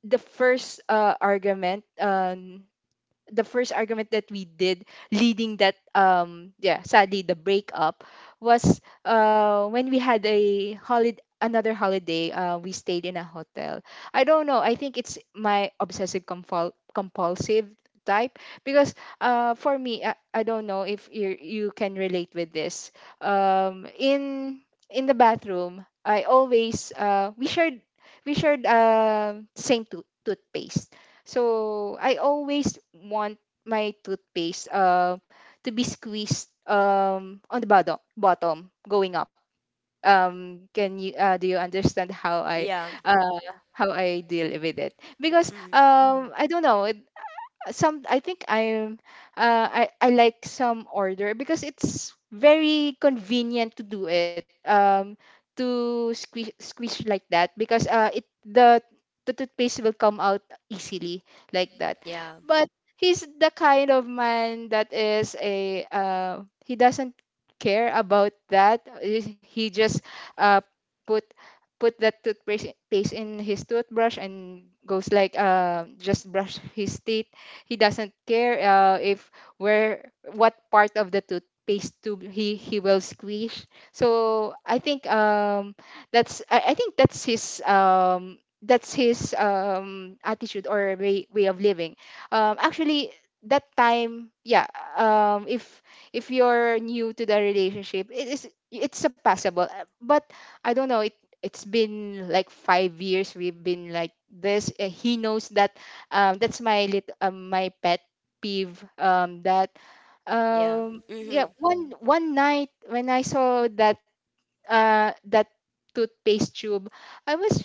[SPEAKER 3] the first uh, argument, um the first argument that we did, leading that, um yeah, sadly, the breakup, was uh when we had a holiday, another holiday, uh, we stayed in a hotel. I don't know, I think it's my obsessive compul- compulsive type. Because uh for me, I, I don't know if you, you can relate with this, um in in the bathroom. I always, uh we shared, we shared uh same tooth toothpaste, so I always want my toothpaste uh, to be squeezed, um, on the bottom, bottom going up. Um, can you uh, do you understand how I
[SPEAKER 1] Yeah.
[SPEAKER 3] uh, how I deal with it? Because
[SPEAKER 1] Hmm.
[SPEAKER 3] um, I don't know, some I think I'm uh, I I like some order because it's very convenient to do it um to squish squish like that because uh it the the toothpaste will come out easily like that.
[SPEAKER 1] Yeah.
[SPEAKER 3] But he's the kind of man that is a uh he doesn't care about that. Uh, he just uh put put that toothpaste paste in his toothbrush and goes like uh just brush his teeth. He doesn't care uh, if where what part of the toothpaste tube he he will squish. So i think um that's i, I think that's his um that's his um attitude or way, way of living. Um actually that time, yeah. Um if if you're new to the relationship, it is it's surpassable. Uh, but I don't know, it it's been like five years we've been like this. Uh, he knows that um, that's my lit- um, my pet peeve. Um, that
[SPEAKER 1] Yeah.
[SPEAKER 3] um
[SPEAKER 1] Hmm.
[SPEAKER 3] Yeah, one one night when I saw that uh that toothpaste tube, I was,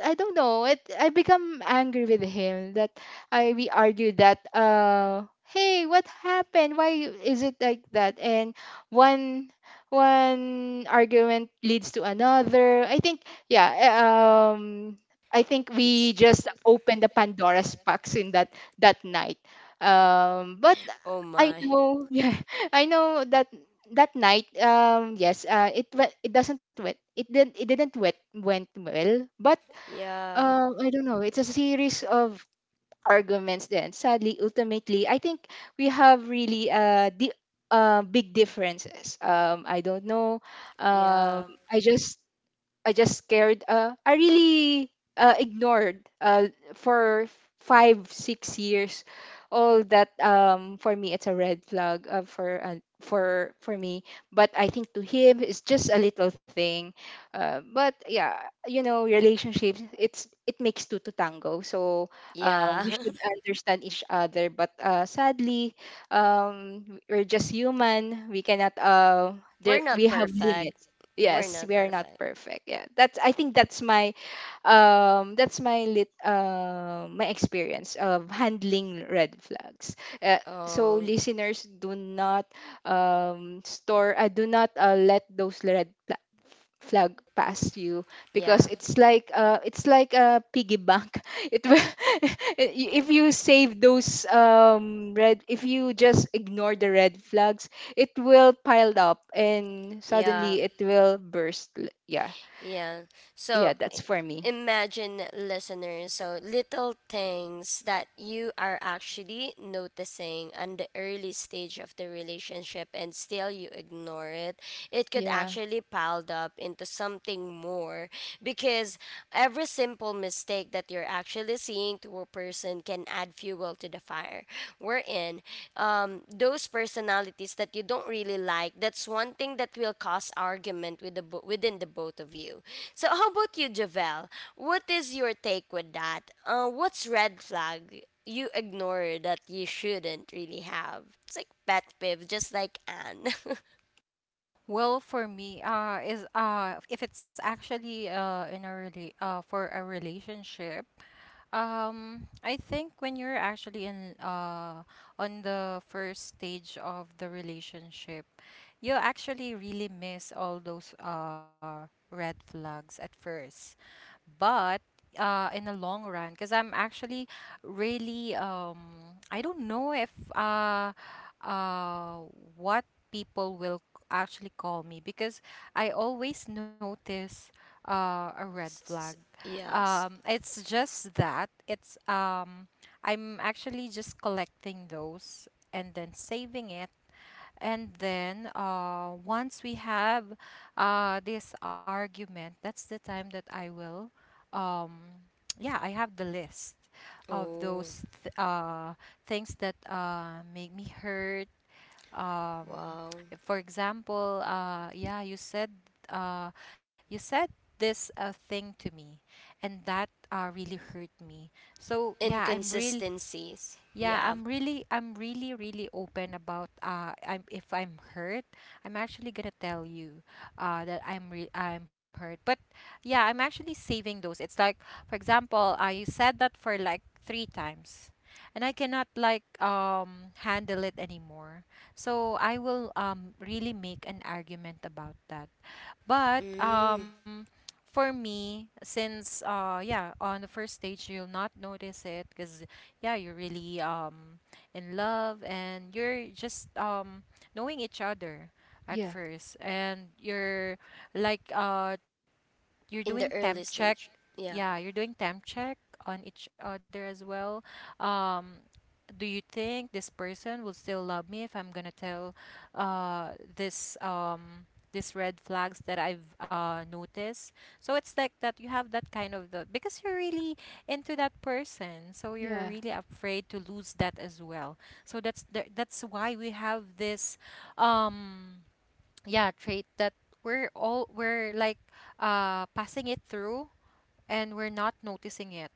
[SPEAKER 3] I don't know, it I become angry with him. That I We argued that, uh hey, what happened, why you- is it like that? And one one argument leads to another, I think. yeah uh, um I think
[SPEAKER 1] It's
[SPEAKER 3] we just opened the Pandora's box in that that night. Um but
[SPEAKER 1] oh
[SPEAKER 3] I
[SPEAKER 1] my.
[SPEAKER 3] know. Yeah, I know that that night, um, yes, uh, it went, it doesn't wet. It didn't it didn't wet went well. But
[SPEAKER 1] Yeah.
[SPEAKER 3] um, I don't know. It's a series of arguments. Then sadly, ultimately, I think we have really uh the uh, big differences. Um, I don't know. Um,
[SPEAKER 1] Yeah.
[SPEAKER 3] I just I just scared. Uh, I really uh, ignored, uh, for five, six years, all that. Um, for me, it's a red flag, uh, for uh, for for me. But I think to him, it's just a little thing. Uh, but yeah, you know, relationships. It's it makes two to tango. So um, we
[SPEAKER 1] Yeah.
[SPEAKER 3] should understand each other. But uh, sadly, um, we're just human. We cannot. Uh,
[SPEAKER 1] We're
[SPEAKER 3] there
[SPEAKER 1] not
[SPEAKER 3] we have
[SPEAKER 1] perfect.
[SPEAKER 3] limits.
[SPEAKER 1] We're
[SPEAKER 3] Yes,
[SPEAKER 1] not
[SPEAKER 3] we are not
[SPEAKER 1] perfect.
[SPEAKER 3] perfect. Yeah. That's, I think that's my um that's my lit uh, my experience of handling red flags. Uh, so
[SPEAKER 1] Oh.
[SPEAKER 3] listeners, do not um store uh, do not uh, let those red fla- flag past you, because
[SPEAKER 1] Yeah.
[SPEAKER 3] it's like uh it's like a piggy bank. It will if you save those um red if you just ignore the red flags, it will pile up and
[SPEAKER 1] Yeah.
[SPEAKER 3] suddenly it will burst. L- yeah.
[SPEAKER 1] Yeah.
[SPEAKER 3] Yeah,
[SPEAKER 1] So,
[SPEAKER 3] that's for me.
[SPEAKER 1] imagine, listeners, so little things that you are actually noticing on the early stage of the relationship, and still you ignore it. It could
[SPEAKER 3] Yeah.
[SPEAKER 1] actually piled up into something more, because every simple mistake that you're actually seeing to a person can add fuel to the fire. We're in, um, those personalities that you don't really like, that's one thing that will cause argument with the bo- within the both of you. So how about you, Javel? What is your take with that? Uh, what's red flag you ignore that you shouldn't really have? It's like pet peeve, just like Anne.
[SPEAKER 2] Well, for me, uh is uh if it's actually uh in a really uh for a relationship, um I think when you're actually in uh on the first stage of the relationship, you actually really miss all those uh red flags at first. But uh in the long run, because I'm actually really um I don't know if uh uh what people will c- actually call me, because I always notice uh a red flag.
[SPEAKER 1] S- yes.
[SPEAKER 2] Um it's just that it's um I'm actually just collecting those and then saving it, and then uh, once we have uh, this argument, that's the time that I will, um, yeah, I have the list of
[SPEAKER 1] Oh.
[SPEAKER 2] those th- uh, things that uh, make me hurt. Um,
[SPEAKER 1] Wow.
[SPEAKER 2] for example, uh, yeah, you said uh, you said this uh, thing to me, and that uh, really hurt me. So yeah, I'm real
[SPEAKER 1] Inconsistencies,
[SPEAKER 2] yeah,
[SPEAKER 1] yeah.
[SPEAKER 2] I'm really, I'm really, really open about uh, I'm if I'm hurt, I'm actually gonna tell you, uh, that I'm re I'm hurt. But yeah, I'm actually saving those. It's like, for example, uh, you said that for like three times, and I cannot like um handle it anymore. So I will um really make an argument about that. But
[SPEAKER 1] Mm.
[SPEAKER 2] um, for me, since uh, yeah, on the first stage you'll not notice it, because yeah, you're really um in love, and you're just um knowing each other at
[SPEAKER 3] Yeah,
[SPEAKER 2] first, and you're like uh you're doing
[SPEAKER 1] In the
[SPEAKER 2] temp
[SPEAKER 1] early
[SPEAKER 2] check.
[SPEAKER 1] stage. Yeah.
[SPEAKER 2] Yeah, you're doing temp check on each other as well. Um, do you think this person will still love me if I'm gonna tell uh this um these red flags that I've uh noticed? So it's like that you have that kind of the, because you're really into that person, so you're
[SPEAKER 3] yeah,
[SPEAKER 2] really afraid to lose that as well. So that's the, that's why we have this um yeah trait that we're all we're like uh passing it through, and we're not noticing it.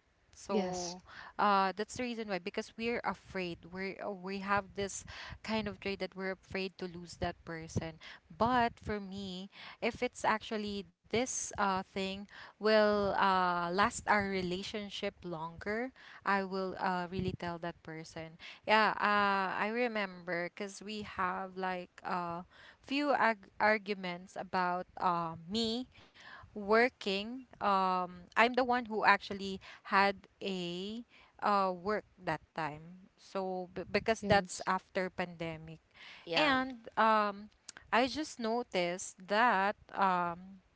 [SPEAKER 3] yes,
[SPEAKER 2] So uh, that's the reason why, because we're afraid. We are we have this kind of trait that we're afraid to lose that person. But for me, if it's actually this uh, thing will uh, last our relationship longer, I will uh, really tell that person. Yeah, uh, I remember because we have like uh, few arg- arguments about uh, me working. um I'm the one who actually had a uh work that time, so b- because that's
[SPEAKER 3] yes,
[SPEAKER 2] after pandemic.
[SPEAKER 1] Yeah,
[SPEAKER 2] And um I just noticed that um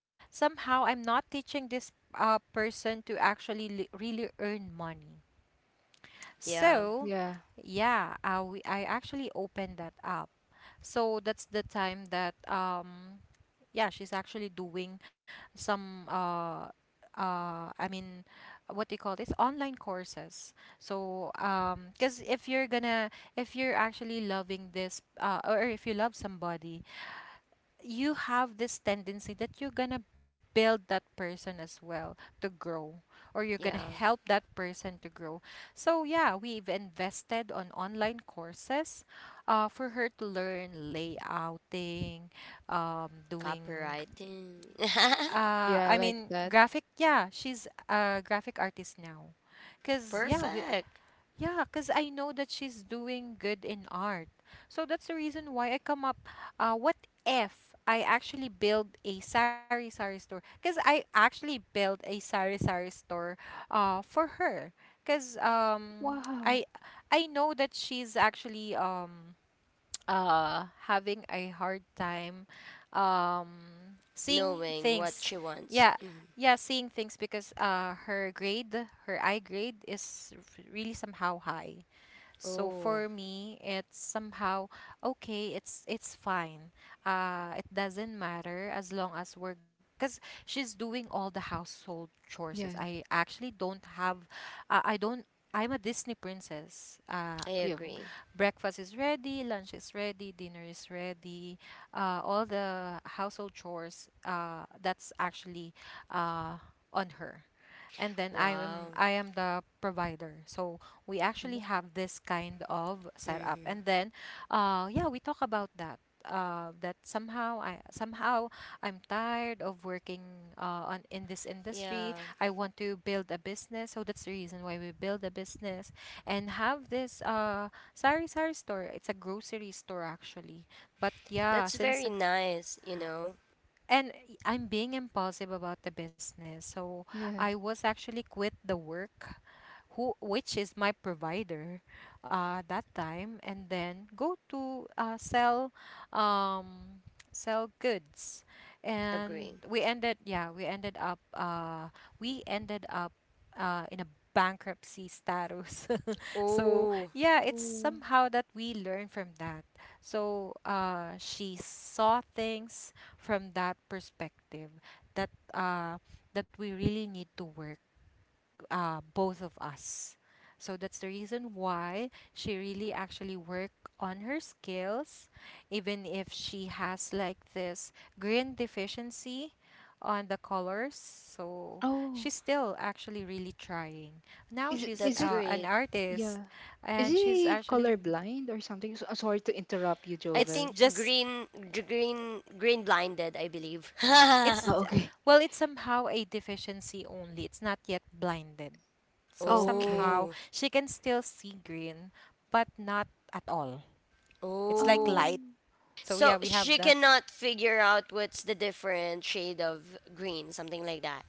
[SPEAKER 2] somehow I'm not teaching this uh person to actually li- really earn money,
[SPEAKER 1] yeah.
[SPEAKER 2] so
[SPEAKER 3] yeah,
[SPEAKER 2] yeah, uh, we, I actually opened that up. So that's the time that um yeah, she's actually doing some uh uh I mean, what do you call this? Online courses. So um because if you're gonna if you're actually loving this uh or if you love somebody, you have this tendency that you're gonna build that person as well to grow, or you're gonna
[SPEAKER 1] yeah.
[SPEAKER 2] help that person to grow. So yeah, we've invested on online courses uh for her to learn layouting, um, doing,
[SPEAKER 1] Copywriting.
[SPEAKER 2] uh, I
[SPEAKER 3] yeah, I
[SPEAKER 2] mean,
[SPEAKER 3] like that.
[SPEAKER 2] graphic, yeah, she's a graphic artist now. Cause
[SPEAKER 3] Oh.
[SPEAKER 2] yeah, we
[SPEAKER 1] Perfect.
[SPEAKER 2] Yeah, cause I know that she's doing good in art. So that's the reason why I come up. Uh, what if I actually build a sari sari store? Cause I actually built a sari sari store, uh, for her. Cause um,
[SPEAKER 3] Wow.
[SPEAKER 2] I I know that she's actually um uh having a hard time um seeing
[SPEAKER 1] Knowing what
[SPEAKER 2] things.
[SPEAKER 1] she wants.
[SPEAKER 2] yeah
[SPEAKER 1] Mhm.
[SPEAKER 2] yeah seeing things, because uh her grade her I grade is r- really somehow high. So
[SPEAKER 1] Oh.
[SPEAKER 2] for me it's somehow okay, it's it's fine. Uh it doesn't matter, as long as we're, because she's doing all the household chores.
[SPEAKER 3] Yeah,
[SPEAKER 2] I actually don't have, uh, I don't, I'm a Disney princess. Uh
[SPEAKER 1] I
[SPEAKER 3] yeah, oh,
[SPEAKER 1] agree.
[SPEAKER 2] breakfast is ready, lunch is ready, dinner is ready, uh, all the household chores, uh, that's actually uh, on her. And then I am
[SPEAKER 1] Wow.
[SPEAKER 2] I am the provider. So we actually
[SPEAKER 3] wa-
[SPEAKER 2] have this kind of setup,
[SPEAKER 1] Mm-hmm.
[SPEAKER 2] and then uh, yeah, we talk about that. Uh, that somehow I somehow I'm tired of working uh, on in this industry.
[SPEAKER 1] Yeah.
[SPEAKER 2] I want to build a business, so that's the reason why we build a business and have this uh sari sari store. It's a grocery store actually, but yeah,
[SPEAKER 1] That's
[SPEAKER 2] since
[SPEAKER 1] very nice, you know.
[SPEAKER 2] and I'm being impulsive about the business, so
[SPEAKER 3] yeah.
[SPEAKER 2] I was actually quit the work, who which is my provider uh, that time, and then go to uh, sell um, sell goods. And
[SPEAKER 1] Agree.
[SPEAKER 2] we ended yeah we ended up uh, we ended up uh, in a bankruptcy status. So
[SPEAKER 1] Oh,
[SPEAKER 2] yeah, it's
[SPEAKER 3] Oh,
[SPEAKER 2] somehow that we learn from that. So uh, she saw things from that perspective, that uh, that we really need to work, uh, both of us. So that's the reason why she really actually worked on her skills, even if she has like this green deficiency on the colors. So
[SPEAKER 3] oh,
[SPEAKER 2] she's still actually really trying. Now
[SPEAKER 3] is it,
[SPEAKER 2] she's
[SPEAKER 3] is
[SPEAKER 1] that's
[SPEAKER 3] it,
[SPEAKER 2] uh, an
[SPEAKER 1] great.
[SPEAKER 2] artist,
[SPEAKER 3] yeah, is
[SPEAKER 2] and she's
[SPEAKER 3] he
[SPEAKER 2] actually...
[SPEAKER 3] colorblind or something? So sorry to interrupt you,
[SPEAKER 1] I
[SPEAKER 2] It's
[SPEAKER 3] Jovel.
[SPEAKER 1] think
[SPEAKER 2] just...
[SPEAKER 1] green green green blinded, I believe.
[SPEAKER 2] It's,
[SPEAKER 3] Oh, okay,
[SPEAKER 2] well, it's somehow a deficiency only. It's not yet blinded. So somehow
[SPEAKER 3] okay.
[SPEAKER 1] Oh.
[SPEAKER 2] she can still see green, but not at all. It's like
[SPEAKER 1] Oh.
[SPEAKER 3] Oh,
[SPEAKER 2] light. So
[SPEAKER 1] So
[SPEAKER 2] yeah, we have
[SPEAKER 1] she
[SPEAKER 2] the
[SPEAKER 1] cannot figure out what's the different shade of green, something like that.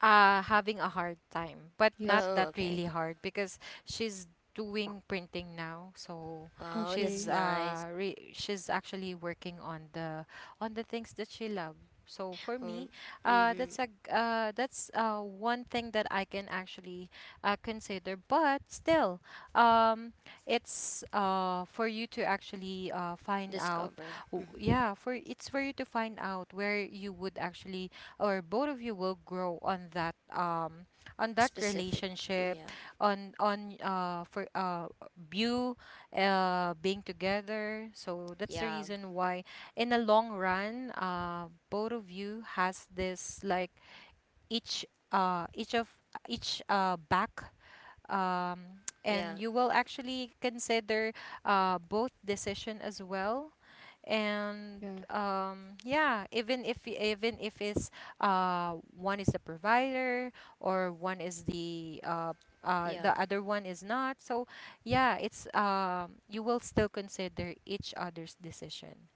[SPEAKER 2] uh having a hard time, but not
[SPEAKER 3] yes,
[SPEAKER 1] Oh,
[SPEAKER 2] that really
[SPEAKER 1] okay.
[SPEAKER 2] hard, because she's doing printing now. So
[SPEAKER 1] Wow, that's
[SPEAKER 2] she's
[SPEAKER 3] okay,
[SPEAKER 1] nice.
[SPEAKER 2] uh re- she's actually working on the on the things that she loves. So for
[SPEAKER 1] Um,
[SPEAKER 2] me, uh
[SPEAKER 1] mm-hmm.
[SPEAKER 2] that's a g- uh that's uh one thing that I can actually uh consider, but still, um it's uh for you to actually uh find out,
[SPEAKER 1] Discover.
[SPEAKER 2] w-
[SPEAKER 1] Mm-hmm.
[SPEAKER 2] yeah, for it's for you to find out where you would actually, or both of you will grow, on that um on that
[SPEAKER 1] Specific.
[SPEAKER 2] relationship,
[SPEAKER 1] Mm.
[SPEAKER 2] on on uh for uh you uh being together. So that's the
[SPEAKER 1] Yeah.
[SPEAKER 2] reason why, in the long run, uh both of you has this like each, uh, each of each, uh, back, um,
[SPEAKER 1] Yeah.
[SPEAKER 2] and you will actually consider uh, both decision as well, and
[SPEAKER 3] yeah,
[SPEAKER 2] um, yeah, even if y- even if it's uh, one is the provider, or one is the uh, uh,
[SPEAKER 1] Yeah. Yeah.
[SPEAKER 2] the other one is not, so yeah, it's um, you will still consider each other's decision.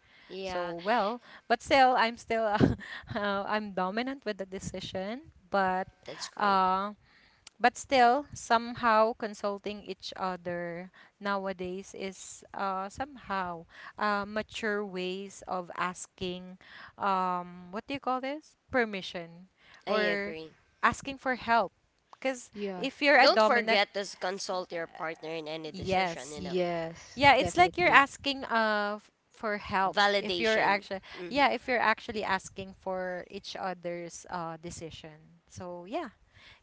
[SPEAKER 2] So
[SPEAKER 1] Yeah.
[SPEAKER 2] well, but still, I'm still uh, uh, I'm dominant with the decision. But
[SPEAKER 1] That's great.
[SPEAKER 2] uh, but still, somehow consulting each other nowadays is uh, somehow uh, mature ways of asking, um, what do you call this? Permission,
[SPEAKER 1] I
[SPEAKER 2] or
[SPEAKER 1] agree.
[SPEAKER 2] asking for help. Because
[SPEAKER 3] yeah,
[SPEAKER 2] if you're a
[SPEAKER 1] Don't
[SPEAKER 2] dominant,
[SPEAKER 1] forget to consult your partner in any decision, you
[SPEAKER 2] yes,
[SPEAKER 1] know.
[SPEAKER 3] yes,
[SPEAKER 2] yeah, it's like you're
[SPEAKER 3] definitely.
[SPEAKER 2] asking uh f- for help, if you're
[SPEAKER 1] Validation.
[SPEAKER 2] actually,
[SPEAKER 1] Mm-hmm.
[SPEAKER 2] yeah, if you're actually asking for each other's uh decision. So yeah,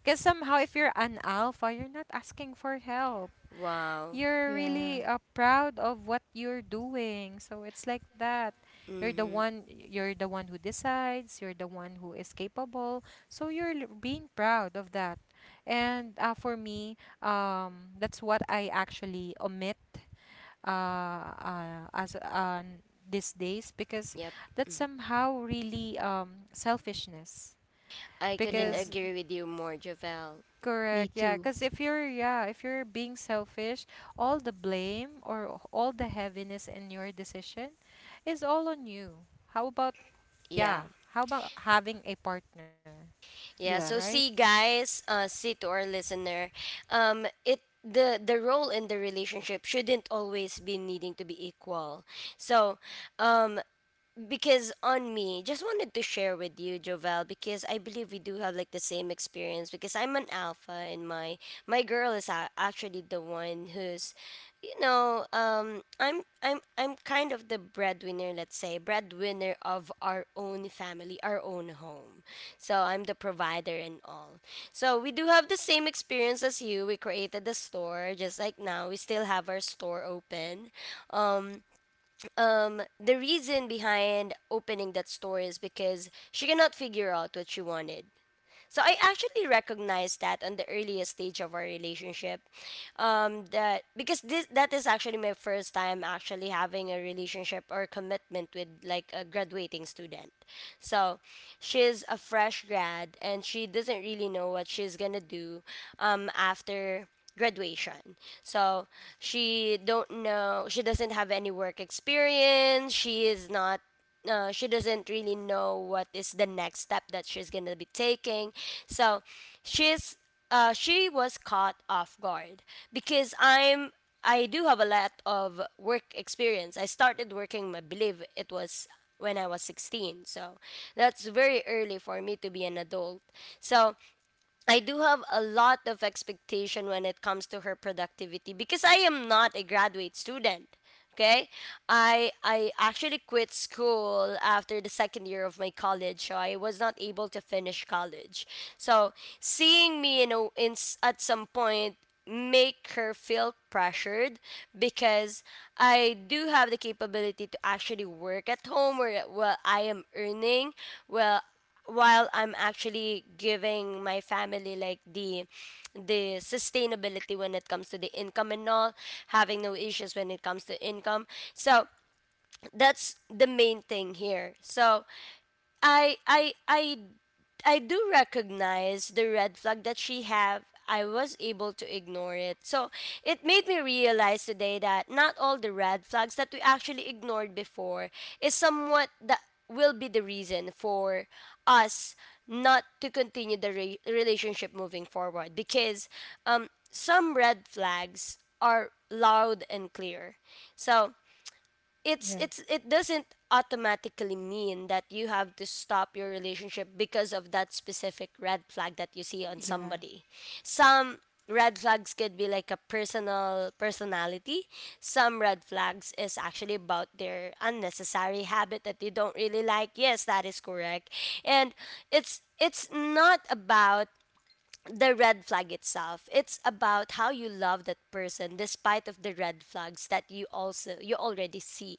[SPEAKER 2] because somehow if you're an alpha, you're not asking for help.
[SPEAKER 1] Wow.
[SPEAKER 2] You're
[SPEAKER 3] Yeah,
[SPEAKER 2] really uh, proud of what you're doing. So it's like that. You're the
[SPEAKER 1] Mm-hmm.
[SPEAKER 2] one you're the one who decides, you're the one who is capable. So you're l- being proud of that. And uh, for me, um that's what I actually omit uh, uh as on these days, because
[SPEAKER 1] Yep.
[SPEAKER 2] that's
[SPEAKER 1] Mm-hmm.
[SPEAKER 2] somehow really um selfishness.
[SPEAKER 1] I couldn't
[SPEAKER 3] yeah,
[SPEAKER 2] Because
[SPEAKER 1] agree with you more, Javel.
[SPEAKER 3] me
[SPEAKER 2] correct, yeah,
[SPEAKER 3] too.
[SPEAKER 2] because if you're yeah if you're being selfish, all the blame or all the heaviness in your decision is all on you. How about,
[SPEAKER 1] Yeah.
[SPEAKER 2] yeah, how about having a partner?
[SPEAKER 1] Yeah.
[SPEAKER 3] Yeah,
[SPEAKER 1] So
[SPEAKER 2] Right.
[SPEAKER 1] see, guys, uh, see to our listener, um, it the the role in the relationship shouldn't always be needing to be equal. So, um, because on me just wanted to share with you, Jovel, because I believe we do have like the same experience, because I'm an alpha and my my girl is, a- actually the one who's, you know um i'm i'm i'm kind of the breadwinner, let's say breadwinner of our own family, our own home. So I'm the provider and all. So we do have the same experience as you. We created the store, just like now we still have our store open. um um, the reason behind opening that store is because she cannot figure out what she wanted. So I actually recognized that on the earliest stage of our relationship, um, that because this that is actually my first time actually having a relationship or commitment with like a graduating student. So she's a fresh grad and she doesn't really know what she's gonna do, um, after graduation. So she don't know. She doesn't have any work experience. She is not uh, she doesn't really know what is the next step that she's gonna be taking. So she's uh, she was caught off guard because I'm I do have a lot of work experience. I started working, I believe it was when I was sixteen. So that's very early for me to be an adult. So I do have a lot of expectation when it comes to her productivity, because I am not a graduate student. Okay? I I actually quit school after the second year of my college, so I was not able to finish college. So, seeing me, you know in s- at some point, make her feel pressured, because I do have the capability to actually work at home, where, well, I am earning well while I'm actually giving my family like the the sustainability when it comes to the income and all, having no issues when it comes to income. So that's the main thing here. So I I I I do recognize the red flag that she have. I was able to ignore it. So it made me realize today that not all the red flags that we actually ignored before is somewhat that will be the reason for us not to continue the re- relationship moving forward, because, um, some red flags are loud and clear. So it's
[SPEAKER 3] yeah,
[SPEAKER 1] it's it doesn't automatically mean that you have to stop your relationship because of that specific red flag that you see on
[SPEAKER 3] yeah,
[SPEAKER 1] somebody. Some red flags could be like a personal personality. Some red flags is actually about their unnecessary habit that you don't really like. Yes, that is correct. And it's it's not about the red flag itself, it's about how you love that person despite of the red flags that you also you already see,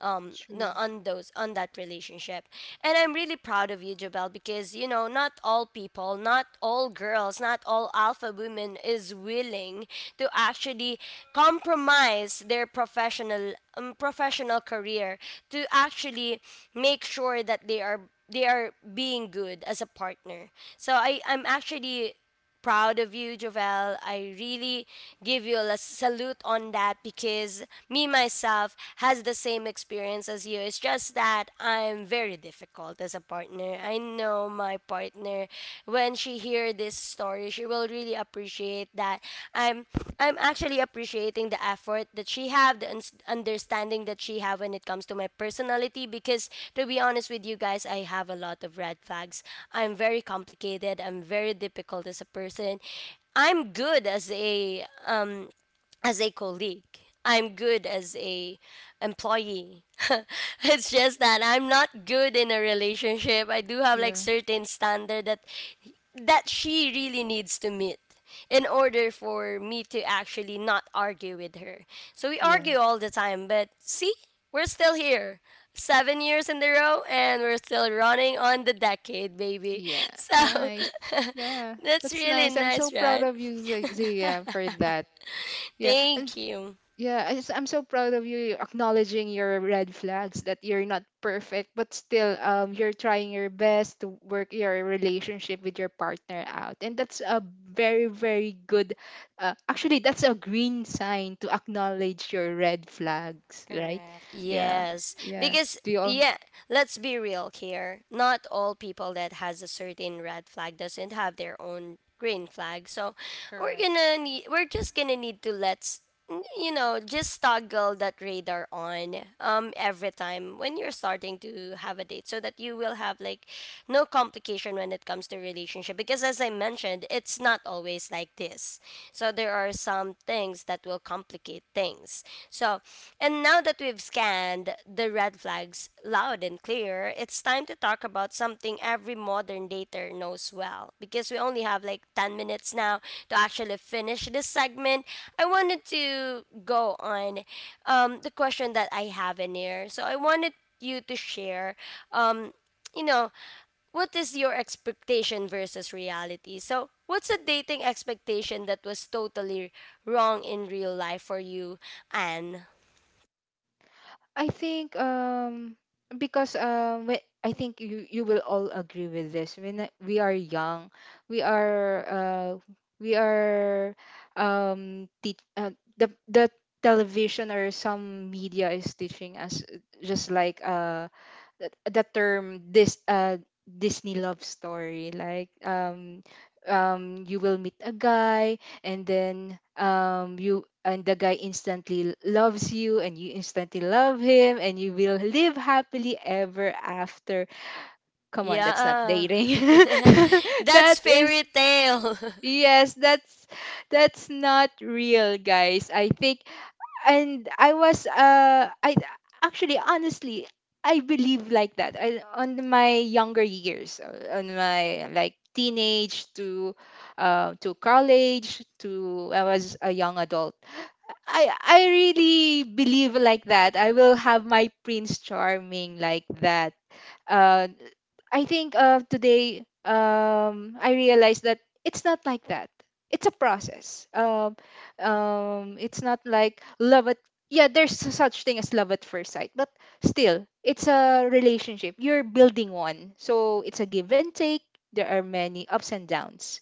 [SPEAKER 1] um no,
[SPEAKER 3] true.
[SPEAKER 1] on those on that relationship. And I'm really proud of you, Jabel, because you know not all people, not all girls, not all alpha women is willing to actually compromise their professional um, professional career, to actually make sure that they are they are being good as a partner. So I I'm actually proud of you, Jovel. I really give you a salute on that, because me myself has the same experience as you. It's just that I'm very difficult as a partner. I know my partner, when she hear this this story, she will really appreciate that I'm I'm actually appreciating the effort that she have, the uns- understanding that she have when it comes to my personality. Because, to be honest with you guys, I have a lot of red flags. I'm very complicated. I'm very difficult as a person. I'm good as a um as a colleague. I'm good as a employee. It's just that I'm not good in a relationship. I do have like
[SPEAKER 3] Yeah,
[SPEAKER 1] certain standard that that she really needs to meet in order for me to actually not argue with her. So we argue
[SPEAKER 3] yeah.
[SPEAKER 1] all the time, but see, we're still here. seven years in a row and we're still running on the decade, baby.
[SPEAKER 3] Yeah,
[SPEAKER 1] So
[SPEAKER 3] nice. Yeah,
[SPEAKER 1] that's
[SPEAKER 3] that's
[SPEAKER 1] really
[SPEAKER 3] nice. I'm so
[SPEAKER 1] nice,
[SPEAKER 3] proud
[SPEAKER 1] right?
[SPEAKER 3] of you, Z- Zia, for that. Yeah, and
[SPEAKER 1] Thank you.
[SPEAKER 3] yeah, I just- I'm so proud of you acknowledging your red flags, that you're not perfect, but still, um, you're trying your best to work your relationship with your partner out, and that's a very, very good. Uh, actually, that's a green sign to acknowledge your red flags, right?
[SPEAKER 2] Correct.
[SPEAKER 3] Yeah,
[SPEAKER 1] Yes,
[SPEAKER 3] yeah.
[SPEAKER 1] because
[SPEAKER 3] Do you?
[SPEAKER 1] yeah, let's be real here. Not all people that has a certain red flag doesn't have their own green flag. So we're
[SPEAKER 2] Correct.
[SPEAKER 1] gonna need. We're just gonna need to let's you know just toggle that radar on um every time when you're starting to have a date so that you will have like no complication when it comes to relationship because as I mentioned, it's not always like this. So there are some things that will complicate things. So, and now that we've scanned the red flags loud and clear, it's time to talk about something every modern dater knows well because we only have like ten minutes now to actually finish this segment. I wanted to go on um, the question that I have in here. So I wanted you to share um, you know, what is your expectation versus reality? So, what's a dating expectation that was totally wrong in real life for you, Anne?
[SPEAKER 3] I think um because um whe- I think you, you will all agree with this. When I- we are young, we are uh we are um te- uh, the the television or some media is teaching us, uh, just like uh the, the term this, uh Disney love story, like um um you will meet a guy and then um you and the guy instantly loves you and you instantly love him, and you will live happily ever after. Come on, that's not
[SPEAKER 1] Yeah,
[SPEAKER 3] dating.
[SPEAKER 1] that's
[SPEAKER 3] That is,
[SPEAKER 1] fairy tale.
[SPEAKER 3] yes, that's that's not real, guys, I think. And I was uh I actually, honestly, I believe like that. I, on my younger years, uh, on my like teenage to uh, to college to I was a young adult. I I really believe like that. I will have my prince charming, like that. Uh, I think uh, today, um, I realized that it's not like that. It's a process. Um, um, it's not like love at, yeah. There's such thing as love at first sight, but still, it's a relationship. You're building one, so it's a give and take. There are many ups and downs.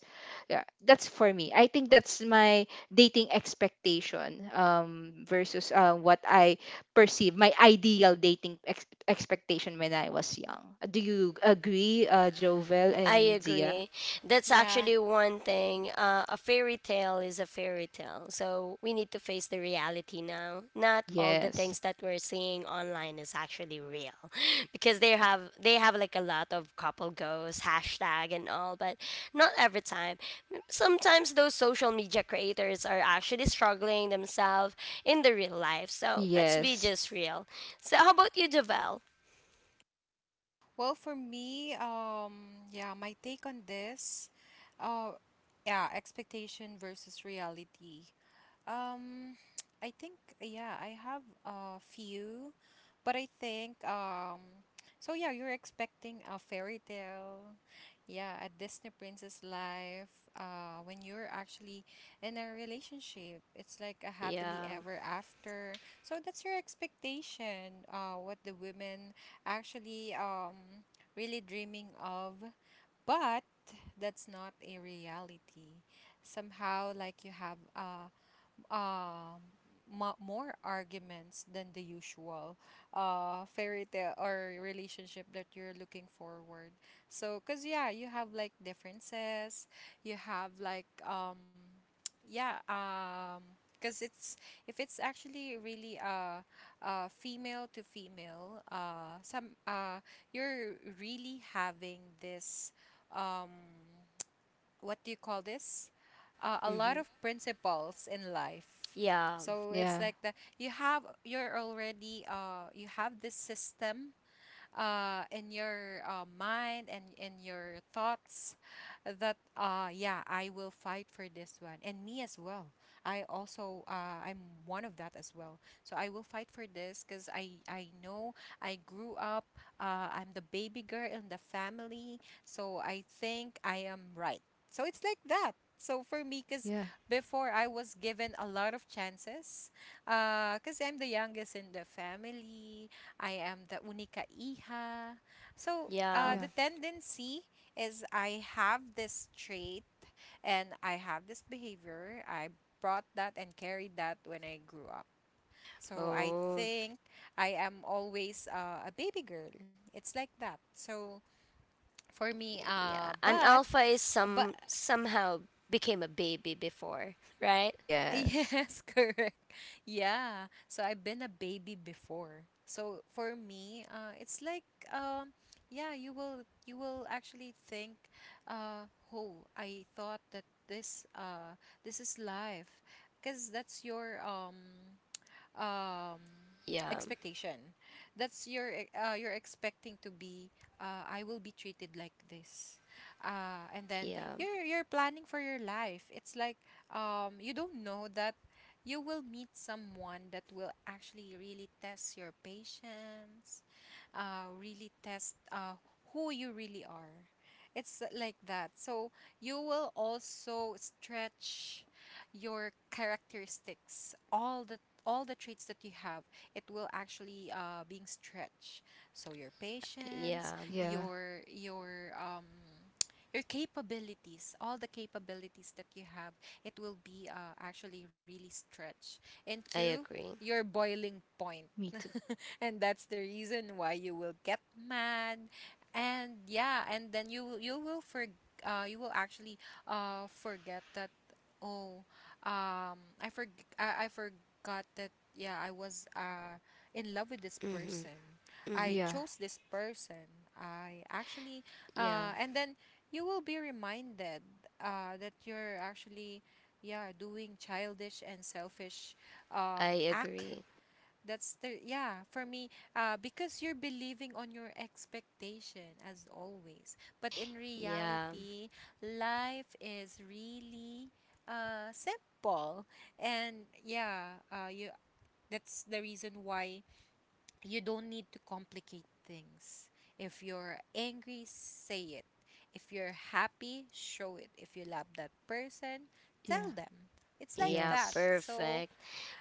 [SPEAKER 3] Yeah, that's for me. I think that's my dating expectation, um, versus uh, what I perceive my ideal dating ex- expectation when I was young. Do you agree, uh, Jovel
[SPEAKER 1] I
[SPEAKER 3] and Zia?
[SPEAKER 1] agree. That's
[SPEAKER 2] Yeah.
[SPEAKER 1] actually one thing. Uh, a fairy tale is a fairy tale. So we need to face the reality now. Not all the
[SPEAKER 3] Yes.
[SPEAKER 1] things that we're seeing online is actually real. Because they have they have like a lot of couple goals, hashtag and all, but not every time. Sometimes those social media creators are actually struggling themselves in the real life. So let's be
[SPEAKER 3] Yes.
[SPEAKER 1] just real. So how about you, Javel?
[SPEAKER 2] Well, for me, um, yeah, my take on this, uh, yeah, expectation versus reality. Um, I think yeah, I have a few, but I think, um, so yeah, you're expecting a fairy tale, yeah, a Disney princess life. Uh, when you're actually in a relationship, it's like a happily
[SPEAKER 1] Yeah.
[SPEAKER 2] ever after. So that's your expectation. Uh, what the women actually um really dreaming of, but that's not a reality. Somehow, like you have uh um ma more arguments than the usual uh fairy tale or relationship that you're looking forward. So because yeah, you have like differences, you have like, um yeah, um because it's, if it's actually really uh uh female to female, uh some uh you're really having this, um what do you call this? Uh, a lot of
[SPEAKER 1] Hmm.
[SPEAKER 2] principles in life.
[SPEAKER 1] Yeah.
[SPEAKER 2] So it's like
[SPEAKER 3] Yeah.
[SPEAKER 2] that you have you're already, uh you have this system, uh, in your uh, mind and in your thoughts, that uh, yeah, I will fight for this one. And me as well, I also, uh, I'm one of that as well, so I will fight for this because i i know I grew up, uh, I'm the baby girl in the family, so I think I am right. So it's like that. So for me, because
[SPEAKER 3] Yeah.
[SPEAKER 2] before I was given a lot of chances because I'm the youngest in the family, I am the única hija. So, uh,
[SPEAKER 1] Yeah.
[SPEAKER 2] the
[SPEAKER 3] Yeah.
[SPEAKER 2] tendency is I have this trait, and I have this behavior. I brought that and carried that when I grew up. So, I
[SPEAKER 1] Oh,
[SPEAKER 2] think I am always uh, a baby girl. It's like that. So, for me, uh,
[SPEAKER 1] yeah. An
[SPEAKER 2] but
[SPEAKER 1] alpha is
[SPEAKER 2] but
[SPEAKER 1] some somehow became a baby before, right?
[SPEAKER 3] Yes.
[SPEAKER 2] yes, correct. Yeah. So I've been a baby before. So for me, uh, it's like, um, yeah, you will you will actually think, uh, oh, I thought that this uh this is life, because that's your um um,
[SPEAKER 1] Yeah,
[SPEAKER 2] expectation. That's your e- uh, you're expecting to be, uh, I will be treated like this, uh, and then
[SPEAKER 1] yeah,
[SPEAKER 2] you're you're planning for your life. It's like, um, you don't know that you will meet someone that will actually really test your patience, uh, really test uh, who you really are. It's like that. So you will also stretch your characteristics, all the all the traits that you have, it will actually uh, being stretched. So your patience,
[SPEAKER 1] yeah.
[SPEAKER 3] Yeah.
[SPEAKER 2] your your um your capabilities, all the capabilities that you have, it will be uh, actually really stretched
[SPEAKER 1] I
[SPEAKER 2] into
[SPEAKER 1] agree.
[SPEAKER 2] your boiling point.
[SPEAKER 3] Me too.
[SPEAKER 2] And that's the reason why you will get mad, and yeah, and then you will you will for uh you will actually uh forget that, oh, um I for I, I forgot that, yeah, I was uh in love with this
[SPEAKER 1] Mhm,
[SPEAKER 2] person, I
[SPEAKER 1] mhm.
[SPEAKER 3] Yeah.
[SPEAKER 2] chose this person, I actually, uh
[SPEAKER 1] Yeah,
[SPEAKER 2] and then you will be reminded uh that you're actually, yeah, doing childish and selfish um
[SPEAKER 1] I
[SPEAKER 2] act.
[SPEAKER 1] agree.
[SPEAKER 2] That's the, yeah, for me, uh because you're believing on your expectation as always. But in
[SPEAKER 1] Yeah,
[SPEAKER 2] reality, life is really uh simple. And yeah, uh you that's the reason why you don't need to complicate things. If you're angry, say it. If you're happy, show it. If you love that person, tell
[SPEAKER 3] Yeah.
[SPEAKER 2] them. It's like
[SPEAKER 1] yeah.
[SPEAKER 2] that.
[SPEAKER 3] Yes.
[SPEAKER 2] So,
[SPEAKER 1] Perfect.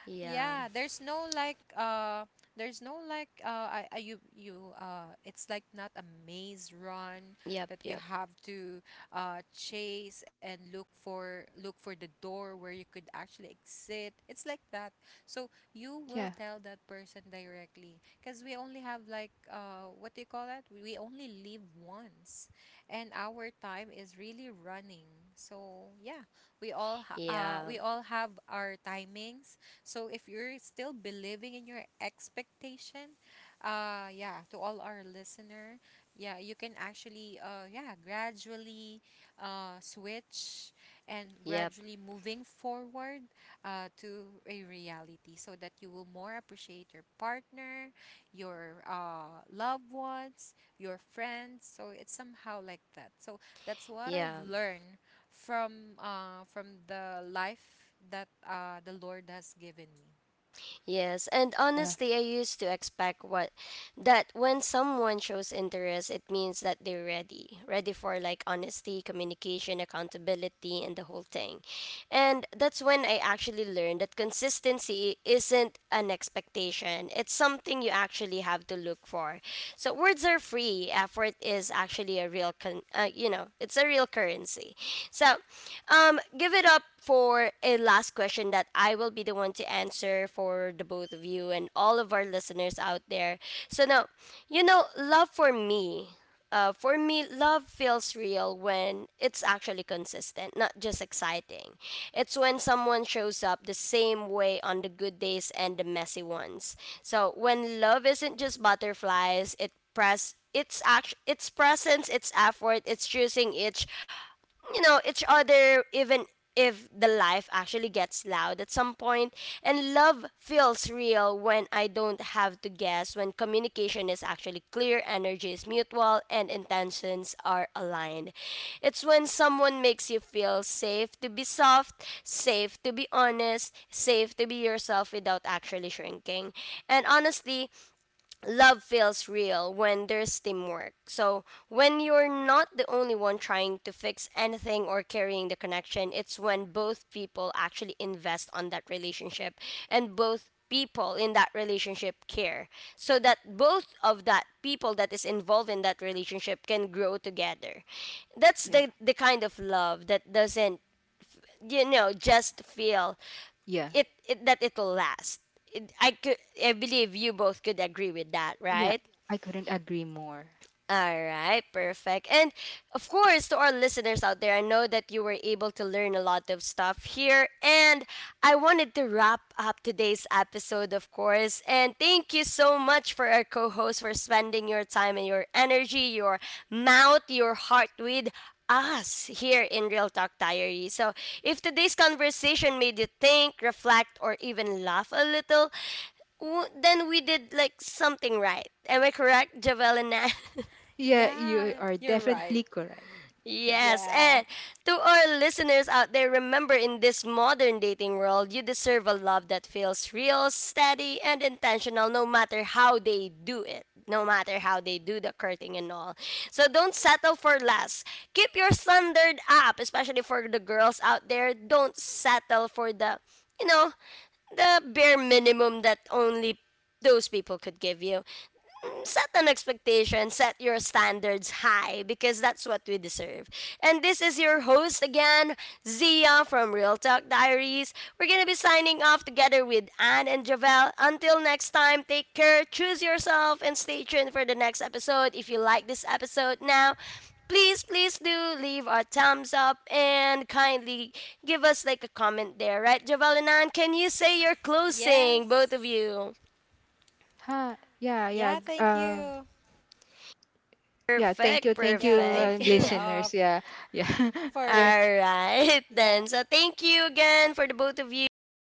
[SPEAKER 1] Yeah.
[SPEAKER 2] yeah, there's no like uh there's no like, uh I, I you you uh it's like not a maze run
[SPEAKER 1] Yep.
[SPEAKER 2] that you
[SPEAKER 1] Yep.
[SPEAKER 2] have to uh chase and look for look for the door where you could actually exit. It's like that. So you will
[SPEAKER 3] Yeah.
[SPEAKER 2] tell that person directly, because we only have like, uh what do you call that? We we only live once, and our time is really running. So yeah, we all ha- uh we
[SPEAKER 1] Yeah.
[SPEAKER 2] all have our timings, so if you're still believing in your expectation, uh yeah, to all our listener, yeah, you can actually, uh yeah, gradually uh switch and
[SPEAKER 1] Yep.
[SPEAKER 2] gradually moving forward uh to a reality, so that you will more appreciate your partner, your uh loved ones, your friends. So it's somehow like that. So that's what I've
[SPEAKER 1] Yeah.
[SPEAKER 2] learned from uh from the life that uh the Lord has given me.
[SPEAKER 1] Yes, and
[SPEAKER 3] Yeah.
[SPEAKER 1] honestly, I used to expect what that when someone shows interest, it means that they're ready, ready for like honesty, communication, accountability, and the whole thing. And that's when I actually learned that consistency isn't an expectation. It's something you actually have to look for. So words are free. Effort is actually a real, con- uh, you know, it's a real currency. So, um, give it up for a last question that I will be the one to answer for the both of you and all of our listeners out there. So now, you know, love for me. Uh, for me, love feels real when it's actually consistent, not just exciting. It's when someone shows up the same way on the good days and the messy ones. So when love isn't just butterflies, it press its act- its presence, its effort, it's choosing each you know each other even if the life actually gets loud at some point point. And love feels real when I don't have to guess, when communication is actually clear, energy is mutual, and intentions are aligned. It's when someone makes you feel safe to be soft, safe to be honest, safe to be yourself without actually shrinking. And honestly, love feels real when there's teamwork. So when you're not the only one trying to fix anything or carrying the connection, it's when both people actually invest on that relationship and both people in that relationship care, so that both of that people that is involved in that relationship can grow together. That's
[SPEAKER 3] Yeah.
[SPEAKER 1] the the kind of love that doesn't, you know, just feel
[SPEAKER 3] Yeah.
[SPEAKER 1] it, it that it'll last. it, I could, I believe you both could agree with that,
[SPEAKER 3] Yeah.
[SPEAKER 1] right?
[SPEAKER 3] I couldn't agree more.
[SPEAKER 1] All right, perfect. And of course, to our listeners out there, I know that you were able to learn a lot of stuff here. And I wanted to wrap up today's episode, of course. And thank you so much for our co host for spending your time and your energy, your mouth, your heart with us here in Real Talk Diary. So, if today's conversation made you think, reflect, or even laugh a little, w- then we did like something right. Am I correct, Javel and Nan?
[SPEAKER 3] Yeah, you
[SPEAKER 2] Yeah,
[SPEAKER 3] are
[SPEAKER 2] you're right.
[SPEAKER 3] definitely correct. Yeah.
[SPEAKER 1] Yes,
[SPEAKER 2] Yeah.
[SPEAKER 1] and to our listeners out there, remember in this modern dating world, you deserve a love that feels real, steady, and intentional, no matter how they do it, no matter how they do the courting and all. So don't settle for less. Keep your standard up, especially for the girls out there. Don't settle for the, you know, the bare minimum that only those people could give you. Set an expectation, set your standards high because that's what we deserve. And this is your host again, Zia from Real Talk Diaries. We're gonna be signing off together with Anne and Javel. Until next time, take care, choose yourself, and stay tuned for the next episode. If you like this episode now, please please do leave our thumbs up and kindly give us like a comment there. Right, Javel and Ann, can you say your closing,
[SPEAKER 2] Yes.
[SPEAKER 1] both of you?
[SPEAKER 3] Huh. Yeah.
[SPEAKER 2] Yeah,
[SPEAKER 3] Yeah.
[SPEAKER 2] thank
[SPEAKER 3] g-
[SPEAKER 2] you.
[SPEAKER 3] Um. Yeah. Thank
[SPEAKER 1] Perfect,
[SPEAKER 3] you.
[SPEAKER 2] Yeah,
[SPEAKER 3] Thank you,
[SPEAKER 2] thank
[SPEAKER 1] perfect.
[SPEAKER 2] you,
[SPEAKER 3] uh,
[SPEAKER 2] uh f-
[SPEAKER 3] listeners. Yeah. Yeah.
[SPEAKER 2] for...
[SPEAKER 3] We're
[SPEAKER 1] All right,
[SPEAKER 2] Yeah.
[SPEAKER 1] then. So thank you again for the both of you. Have